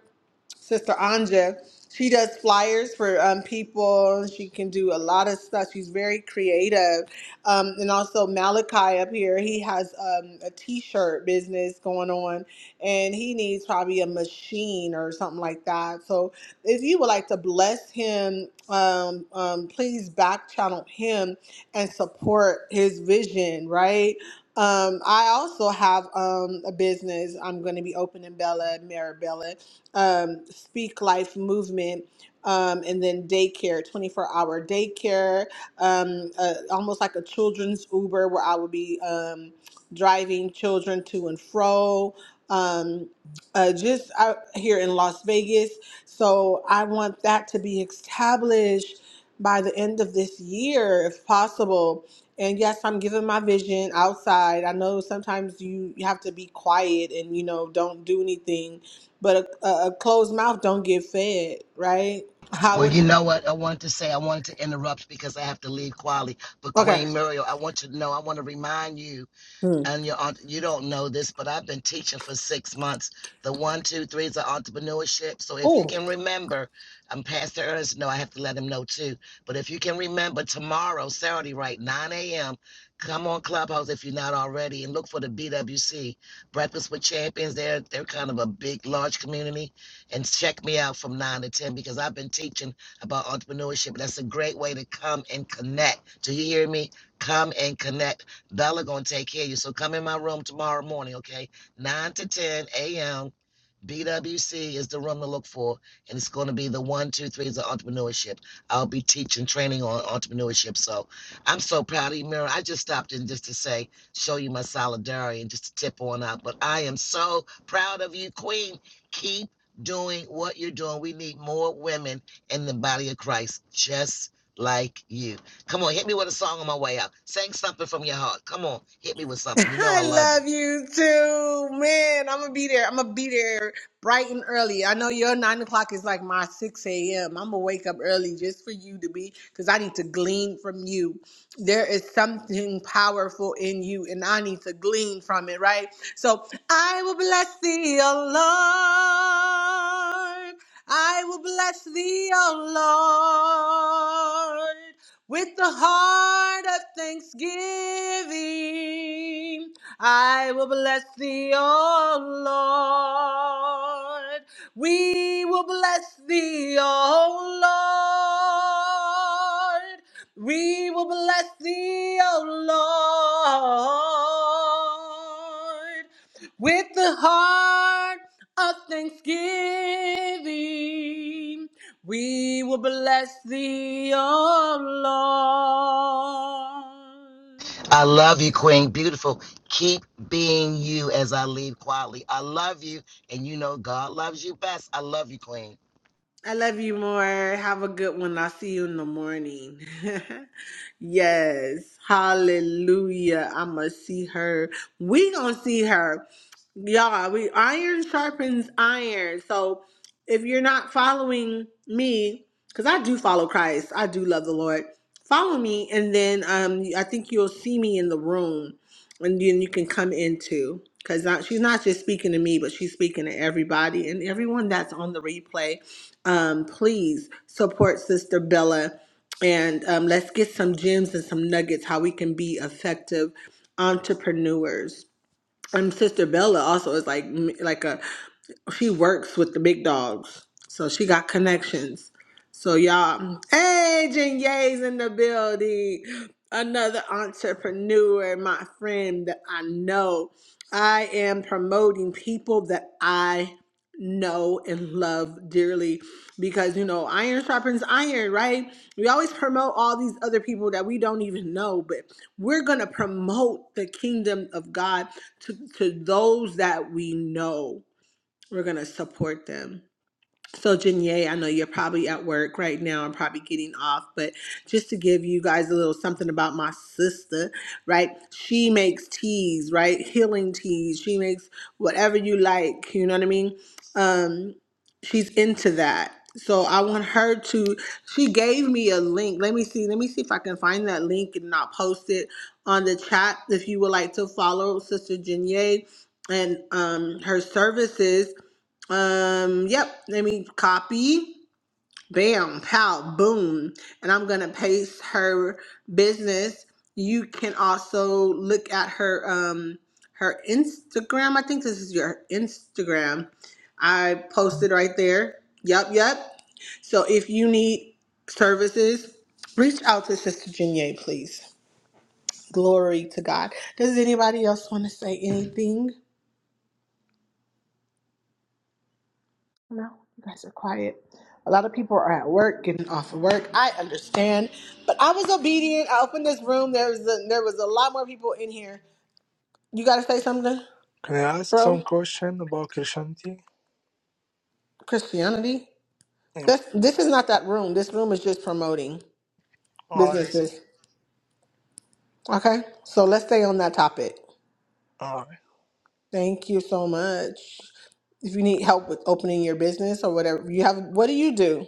[SPEAKER 1] Sister Anja. She does flyers for um, people. She can do a lot of stuff. She's very creative. Um, and also Malachi up here, he has um, a t-shirt business going on, and he needs probably a machine or something like that. So if you would like to bless him, um, um, please back channel him and support his vision, right? Um, I also have um, a business I'm going to be opening Bella Marabella um, Speak Life movement, um, and then daycare, 24 hour daycare, um, uh, almost like a children's Uber where I would be um, driving children to and fro. Um, uh, just out here in Las Vegas. So I want that to be established by the end of this year, if possible. And yes, I'm giving my vision outside. I know sometimes you, you have to be quiet and, you know, don't do anything but a, a, a closed mouth don't get fed, right? How
[SPEAKER 10] Well,
[SPEAKER 1] would
[SPEAKER 10] you know what? I wanted to say, I wanted to interrupt because I have to leave quietly. But
[SPEAKER 1] okay?
[SPEAKER 10] Queen Muriel, I want you to know, I want to remind you
[SPEAKER 1] Hmm.
[SPEAKER 10] and your you don't know this, but I've been teaching for six months. The one, two, threes are entrepreneurship. So if you
[SPEAKER 1] Oh,
[SPEAKER 10] can remember, I'm Pastor Ernest, no, I have to let him know too. But if you can remember tomorrow, Saturday, right, 9 a.m., come on Clubhouse if you're not already, and look for the BWC Breakfast with Champions. They're they're kind of a big, large community, and check me out from 9 to 10 because I've been teaching about entrepreneurship. That's a great way to come and connect. Do you hear me? Come and connect Bella gonna take care of you. So come in my room tomorrow morning, okay? Nine to ten a.m. BWC is the room to look for, and it's going to be the one, two, threes of entrepreneurship. I'll be teaching training on entrepreneurship. So I'm so proud of you, Mira. I just stopped in just to say, show you my solidarity and just to tip on out. But I am so proud of you, Queen. Keep doing what you're doing. We need more women in the body of Christ, just like you. Come on, hit me with a song on my way out. Sing something from your heart. Come on, hit me with something. You know
[SPEAKER 1] I
[SPEAKER 10] I love you.
[SPEAKER 1] love you too, man. I'm gonna be there. I'm gonna be there bright and early. I know your nine o'clock is like my six a.m. I'm gonna wake up early just for you to be, because I need to glean from you. There is something powerful in you, and I need to glean from it, right? So I will bless thee, O Lord. I will bless thee, O Lord. With the heart of thanksgiving, I will bless thee, O Lord. We will bless thee, O Lord. We will bless thee, O Lord with the heart of thanksgiving. We will bless thee, O Lord.
[SPEAKER 10] I love you, Queen. Beautiful. Keep being you as I leave quietly. I love you, and you know God loves you best. I love you, Queen.
[SPEAKER 1] I love you more. Have a good one. I'll see you in the morning. yes. Hallelujah. I'ma see her. We gonna see her. Y'all, we iron sharpens iron. So if you're not following me, because I do follow Christ, I do love the Lord. Follow me, and then um I think you'll see me in the room and then you can come into because she's not just speaking to me, but she's speaking to everybody and everyone that's on the replay um, please support Sister Bella and um, let's get some gems and some nuggets how we can be effective entrepreneurs. And Sister Bella also is like like a she works with the big dogs, so she got connections. So y'all, hey, Jen Ye's in the building. Another entrepreneur, my friend that I know. I am promoting people that I know and love dearly because you know iron sharpens iron right we always promote all these other people that we don't even know but we're going to promote the kingdom of god to, to those that we know we're going to support them so, Janae, I know you're probably at work right now and probably getting off, but just to give you guys a little something about my sister, right? She makes teas, right? Healing teas. She makes whatever you like, you know what I mean? Um, she's into that. So I want her to she gave me a link. Let me see. Let me see if I can find that link and not post it on the chat if you would like to follow Sister Janae and um her services um, yep, let me copy. Bam, pow, boom. And I'm gonna paste her business. You can also look at her um her Instagram. I think this is your Instagram. I posted right there. Yep, yep. So if you need services, reach out to Sister Jenier, please. Glory to God. Does anybody else want to say anything? No, you guys are quiet. A lot of people are at work, getting off of work. I understand, but I was obedient. I opened this room. There was a, there was a lot more people in here. You got to say something,
[SPEAKER 9] Can I ask
[SPEAKER 1] bro.
[SPEAKER 9] some question about Christianity?
[SPEAKER 1] Christianity.
[SPEAKER 9] Yeah.
[SPEAKER 1] This this is not that room. This room is just promoting
[SPEAKER 9] Alright, I see.
[SPEAKER 1] businesses. Okay, so let's stay on that topic.
[SPEAKER 9] Alright.
[SPEAKER 1] Thank you so much. If you need help with opening your business or whatever, you have. What do you do?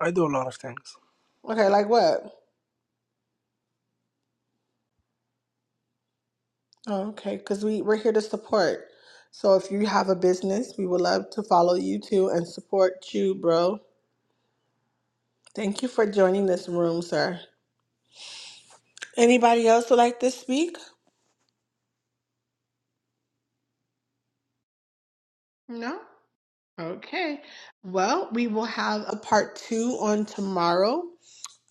[SPEAKER 9] I do a lot of things.
[SPEAKER 1] Okay, like what? Oh, okay, because we, we're here to support. So if you have a business, we would love to follow you too and support you, bro. Thank you for joining this room, sir. Anybody else would like to speak? No? Okay. Well, we will have a part two on tomorrow.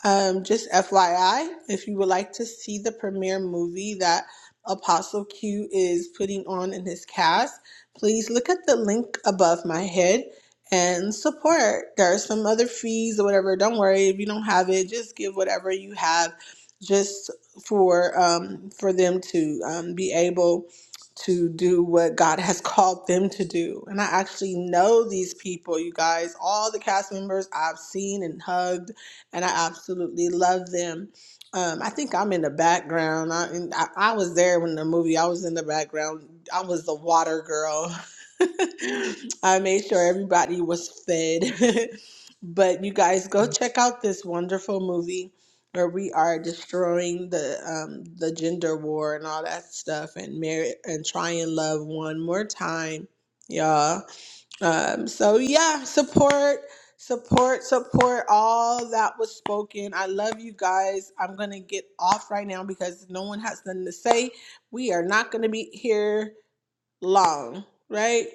[SPEAKER 1] Um, just FYI, if you would like to see the premiere movie that Apostle Q is putting on in his cast, please look at the link above my head and support. There are some other fees or whatever. Don't worry if you don't have it. Just give whatever you have, just for um, for them to um, be able to do what God has called them to do. And I actually know these people, you guys, all the cast members I've seen and hugged and I absolutely love them. Um, I think I'm in the background. I, and I I was there when the movie. I was in the background. I was the water girl. I made sure everybody was fed. but you guys go check out this wonderful movie where we are destroying the um, the gender war and all that stuff and marry and try and love one more time, y'all. Um, so yeah, support, support, support all that was spoken. I love you guys. I'm gonna get off right now because no one has nothing to say. We are not gonna be here long, right?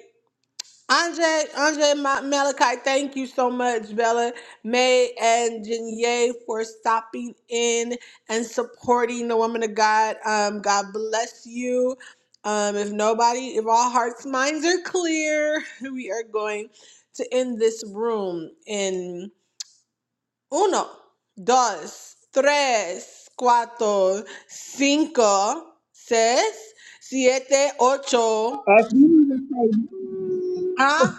[SPEAKER 1] Andre, Andre Ma- Malachi, thank you so much, Bella, May, and Janae for stopping in and supporting the woman of God. Um, God bless you. Um, if nobody, if all hearts, minds are clear, we are going to end this room in uno, dos, tres, cuatro, cinco, seis, siete, ocho.
[SPEAKER 4] As Mimi would say,
[SPEAKER 1] Huh?
[SPEAKER 4] no,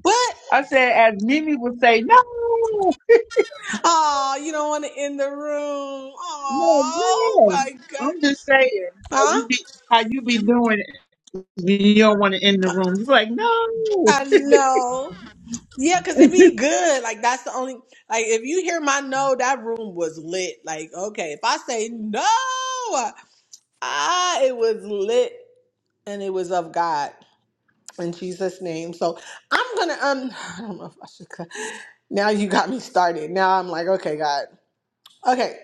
[SPEAKER 1] What?
[SPEAKER 4] I said, as Mimi would say, no,
[SPEAKER 1] Oh, you don't want to end the room.
[SPEAKER 4] no,
[SPEAKER 1] Oh
[SPEAKER 4] no.
[SPEAKER 1] my god.
[SPEAKER 4] I'm just saying, how you
[SPEAKER 1] Huh?
[SPEAKER 4] be, how you be doing, you don't want to end the room. You're like, no.
[SPEAKER 1] I know. Yeah, because it'd be good. Like that's the only like if you hear my no, that room was lit. Like, okay, if I say no, ah, it was lit and it was of God in Jesus' name. So I'm gonna um I don't know if I should cut. Now you got me started. Now I'm like, okay, God. Okay.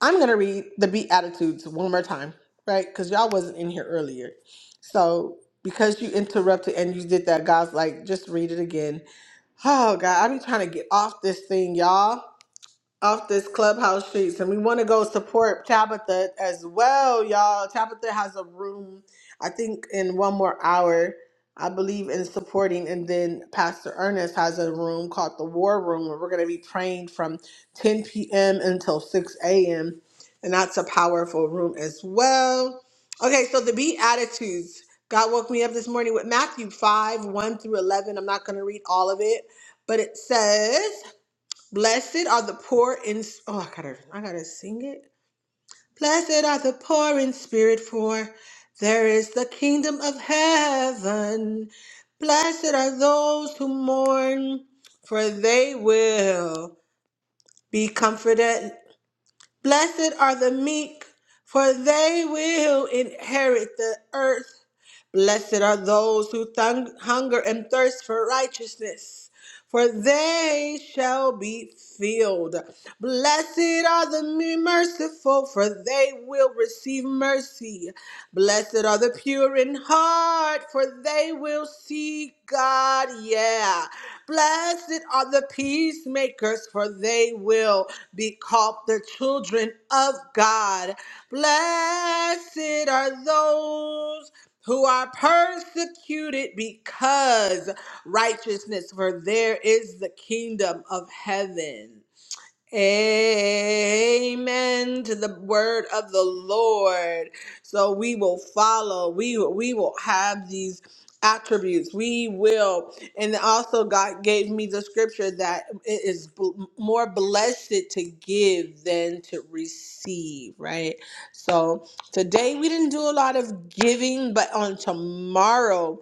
[SPEAKER 1] I'm going to read the Beatitudes one more time, right? Because y'all wasn't in here earlier. So because you interrupted and you did that, God's like, just read it again. Oh, God, I be trying to get off this thing, y'all off this clubhouse streets and we want to go support tabitha as well y'all tabitha has a room i think in one more hour i believe in supporting and then pastor ernest has a room called the war room where we're going to be praying from 10 p.m until 6 a.m and that's a powerful room as well okay so the beatitudes god woke me up this morning with matthew 5 1 through 11 i'm not going to read all of it but it says Blessed are the poor in oh I gotta I gotta sing it. Blessed are the poor in spirit, for there is the kingdom of heaven. Blessed are those who mourn, for they will be comforted. Blessed are the meek, for they will inherit the earth. Blessed are those who thung- hunger and thirst for righteousness, for they shall be filled. Blessed are the me- merciful, for they will receive mercy. Blessed are the pure in heart, for they will see God. Yeah. Blessed are the peacemakers, for they will be called the children of God. Blessed are those who are persecuted because righteousness, for there is the kingdom of heaven. Amen to the word of the Lord. So we will follow. We we will have these attributes. We will, and also God gave me the scripture that it is bl- more blessed to give than to receive. Right. So today we didn't do a lot of giving, but on tomorrow,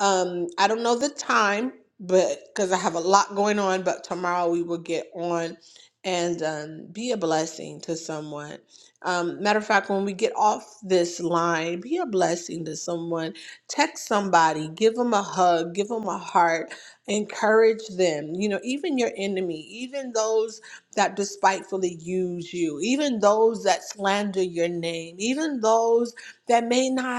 [SPEAKER 1] um, I don't know the time, but because I have a lot going on, but tomorrow we will get on and um, be a blessing to someone. Um, matter of fact, when we get off this line, be a blessing to someone. Text somebody, give them a hug, give them a heart, encourage them. You know, even your enemy, even those that despitefully use you, even those that slander your name, even those that may not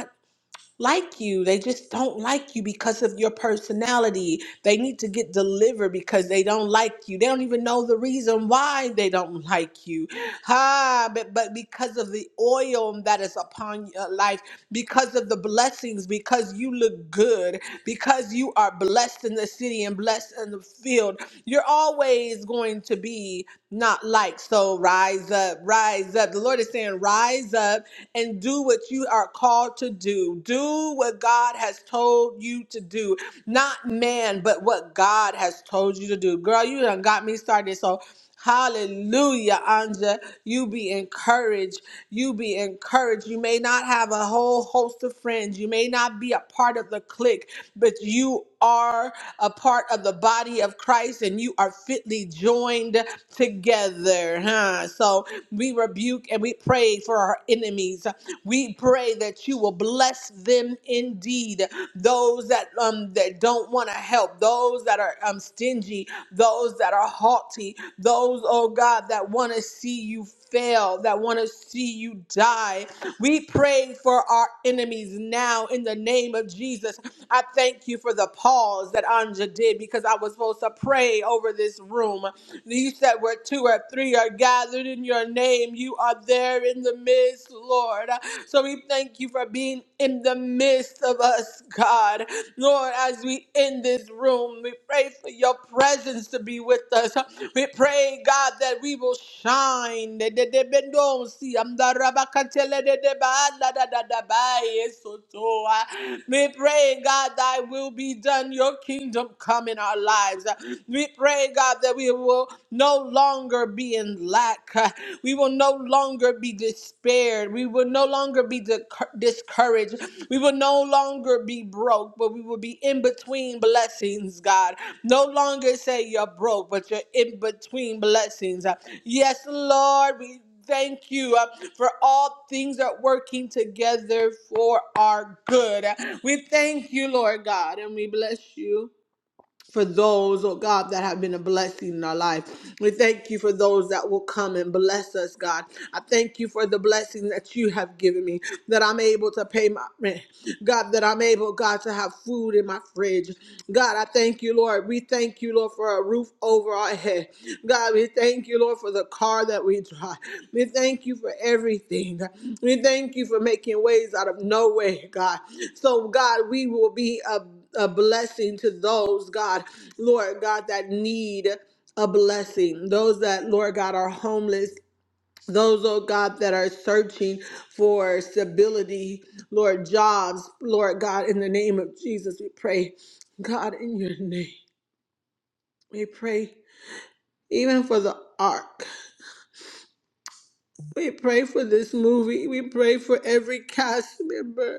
[SPEAKER 1] like you. They just don't like you because of your personality. They need to get delivered because they don't like you. They don't even know the reason why they don't like you. Ah, but, but because of the oil that is upon your life, because of the blessings, because you look good, because you are blessed in the city and blessed in the field, you're always going to be not like. So rise up, rise up. The Lord is saying, rise up and do what you are called to do. Do what God what God has told you to do, not man, but what God has told you to do. Girl, you done got me started. So, hallelujah, Anja. You be encouraged. You be encouraged. You may not have a whole host of friends, you may not be a part of the clique, but you are a part of the body of Christ and you are fitly fitly joined together. Huh? So we rebuke and we pray for our enemies. We pray that you will bless them indeed. Those that um that don't want to help, those that are um stingy, those that are haughty, those oh God that want to see you fail, that want to see you die. We pray for our enemies now in the name of Jesus. I thank you for the pause that Anja did because I was supposed to pray over this room. You said where two or three are gathered in your name, you are there in the midst, Lord. So we thank you for being in the midst of us, God. Lord, as we in this room, we pray for your presence to be with us. We pray, God, that we will shine. De- de- de- bendom si amdarabakatele de- de- ba- la- da- da- da- ba- yeso toa. We pray, God, thy will be done, your kingdom come in our lives. We pray, God, that we will no longer be in lack. We will no longer be despaired. We will no longer be discour- discouraged. We will no longer be broke, but we will be in between blessings, God. No longer say you're broke, but you're in between blessings. Uh, Yes, Lord, we thank you uh, for all things are working together for our good. Uh, We thank you, Lord God, and we bless you for those, oh God, that have been a blessing in our life. We thank you for those that will come and bless us, God. I thank you for the blessing that you have given me, that I'm able to pay my rent. God, that I'm able, God, to have food in my fridge. God, I thank you, Lord. We thank you, Lord, for a roof over our head. God, we thank you, Lord, for the car that we drive. We thank you for everything. We thank you for making ways out of nowhere, God. So, God, we will be a, a blessing to those, God, Lord God, that need a blessing. Those that, Lord God, are homeless. Those, oh God, that are searching for stability, Lord, jobs, Lord God, in the name of Jesus, we pray, God, in your name, we pray even for the ark. We pray for this movie. We pray for every cast member.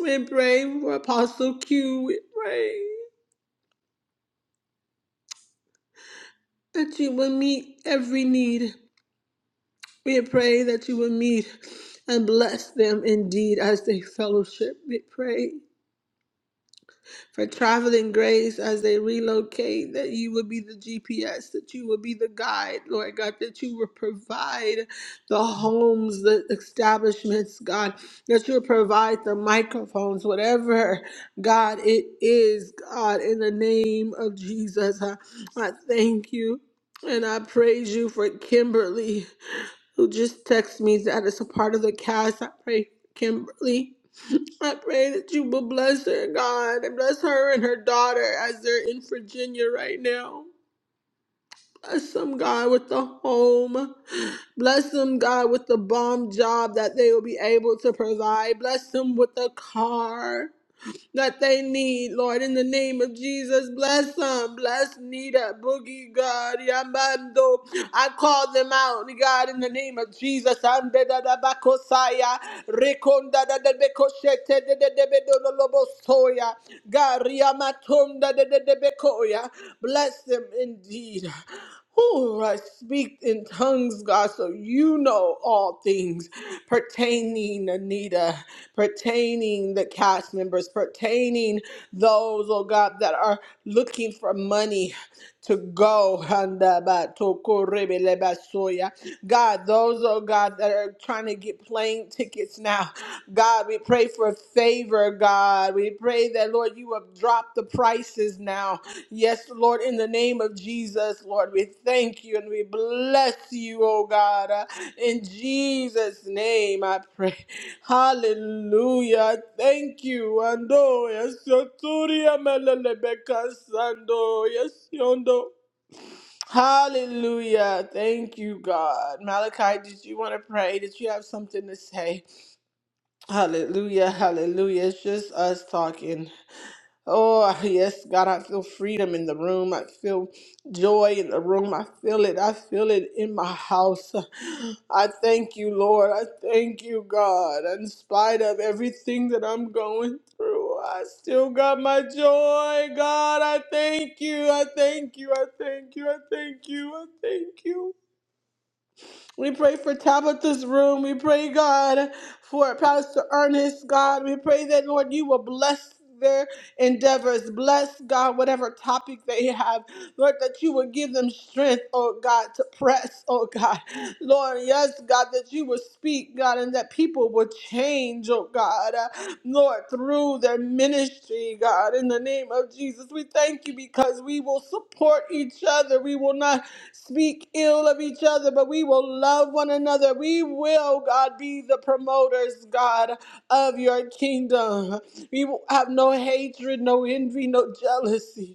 [SPEAKER 1] We pray for Apostle Q. We pray that you will meet every need. We pray that you will meet and bless them indeed as they fellowship. We pray for traveling grace as they relocate, that you would be the GPS, that you would be the guide, Lord God, that you would provide the homes, the establishments, God, that you would provide the microphones, whatever, God, it is, God, in the name of Jesus. I, I thank you. And I praise you for Kimberly, who just texted me that it's a part of the cast. I pray, Kimberly. I pray that you will bless her, God, and bless her and her daughter as they're in Virginia right now. Bless them, God, with the home. Bless them, God, with the bomb job that they will be able to provide. Bless them with a car that they need, Lord, in the name of Jesus. Bless them. Bless Nita, Boogie, God, Yamando. I call them out, God, in the name of Jesus. And da da da bakosaya, rekonda da da bekoshete de de de bedo lobo soya, gariamatonda de de de bekoya. Bless them indeed. Who I speak in tongues, God, so you know all things pertaining Anita, pertaining the cast members, pertaining those, oh God, that are looking for money, to go. Handabatokoribilebasoya. God, those, oh God, that are trying to get plane tickets now, God, we pray for favor, God. We pray that, Lord, you have dropped the prices now. Yes, Lord, in the name of Jesus, Lord, we thank you and we bless you, oh God. Uh, In Jesus' name, I pray. Hallelujah. Thank you. Ando, yes, Soturia Melelebeka Sando, yes, Yondo. Hallelujah. Thank you, God. Malachi, did you want to pray? Did you have something to say? Hallelujah. Hallelujah. It's just us talking. Oh, yes, God, I feel freedom in the room. I feel joy in the room. I feel it. I feel it in my house. I thank you, Lord. I thank you, God. In spite of everything that I'm going through, I still got my joy. God, I thank you. I thank you. I thank you. I thank you. I thank you. We pray for Tabitha's room. We pray, God, for Pastor Ernest, God. We pray that, Lord, you will bless their endeavors. Bless, God, whatever topic they have. Lord, that you would give them strength, oh God, to press, oh God. Lord, yes, God, that you would speak, God, and that people would change, oh God. Uh, Lord, through their ministry, God, in the name of Jesus, we thank you because we will support each other. We will not speak ill of each other, but we will love one another. We will, God, be the promoters, God, of your kingdom. We will have no hatred, no envy, no jealousy.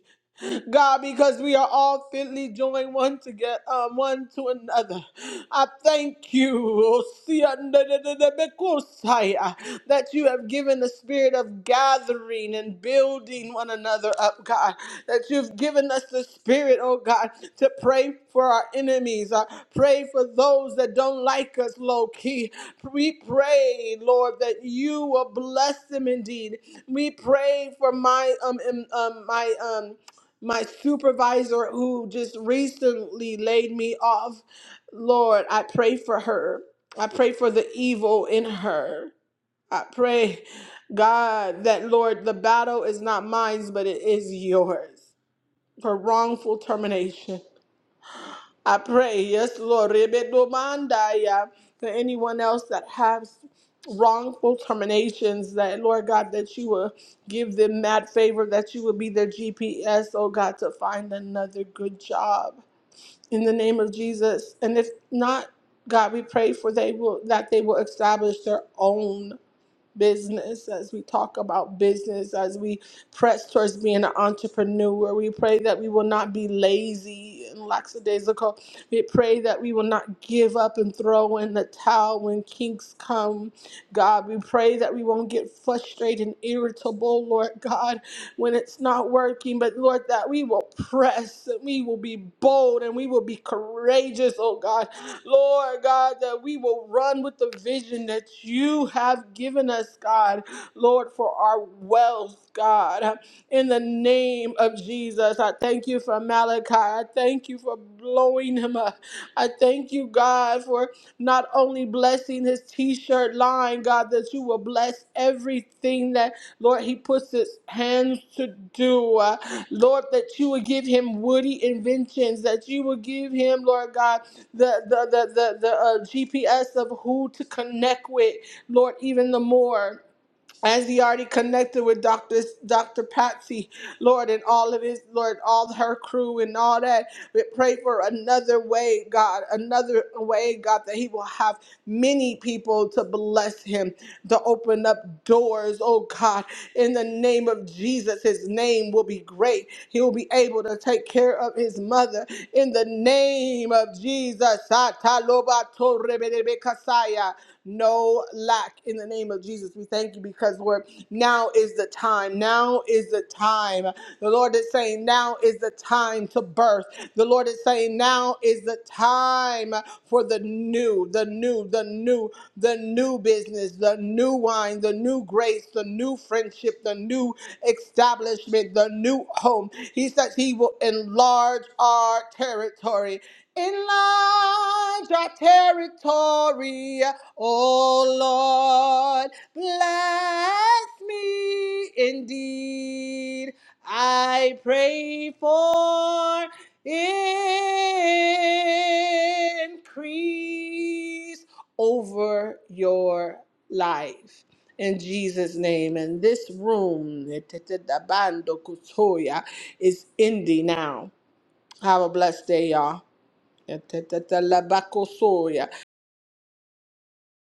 [SPEAKER 1] God, because we are all fitly joined one to get um, one to another. I thank you, O Sia nda da da da be kusaya, that you have given the spirit of gathering and building one another up, God. That you've given us the spirit, oh God, to pray for our enemies, uh, pray for those that don't like us low key. We pray, Lord, that you will bless them indeed. We pray for my um um um, my um my supervisor who just recently laid me off. Lord, I pray for her. I pray for the evil in her. I pray, God, that Lord, the battle is not mine, but it is yours for wrongful termination. I pray, yes, Lord, rebedomandaya, for anyone else that has wrongful terminations, that Lord God, that you will give them that favor, that you will be their GPS, oh God, to find another good job. In the name of Jesus. And if not, God, we pray for they will that they will establish their own business, as we talk about business, as we press towards being an entrepreneur. We pray that we will not be lazy and lackadaisical. We pray that we will not give up and throw in the towel when kinks come. God, we pray that we won't get frustrated and irritable, Lord God, when it's not working. But Lord, that we will press and we will be bold and we will be courageous, oh God Lord God, that we will run with the vision that you have given us, God, Lord, for our wealth, God. In the name of Jesus, I thank you for Malachi. I thank you for blowing him up. I thank you, God, for not only blessing his t shirt line, God, that you will bless everything that, Lord, he puts his hands to do. Uh, Lord, that you would give him woody inventions, that you would give him, Lord God, the, the, the, the, the uh, GPS of who to connect with, Lord, even the more as he already connected with Dr. Dr. Patsy, Lord, and all of his, Lord, all her crew and all that. We pray for another way, God, another way, God, that he will have many people to bless him, to open up doors, oh God. In the name of Jesus, his name will be great. He will be able to take care of his mother. In the name of Jesus. No lack in the name of Jesus. We thank you because Lord, now is the time. Now is the time. The Lord is saying, now is the time to birth. The Lord is saying, now is the time for the new, the new, the new, the new business, the new wine, the new grace, the new friendship, the new establishment, the new home. He says he will enlarge our territory. Enlarge our territory, oh Lord. Bless me indeed. I pray for increase over your life. In Jesus' name, and this room is ending now. Have a blessed day, y'all. Etetetelabakoso ya.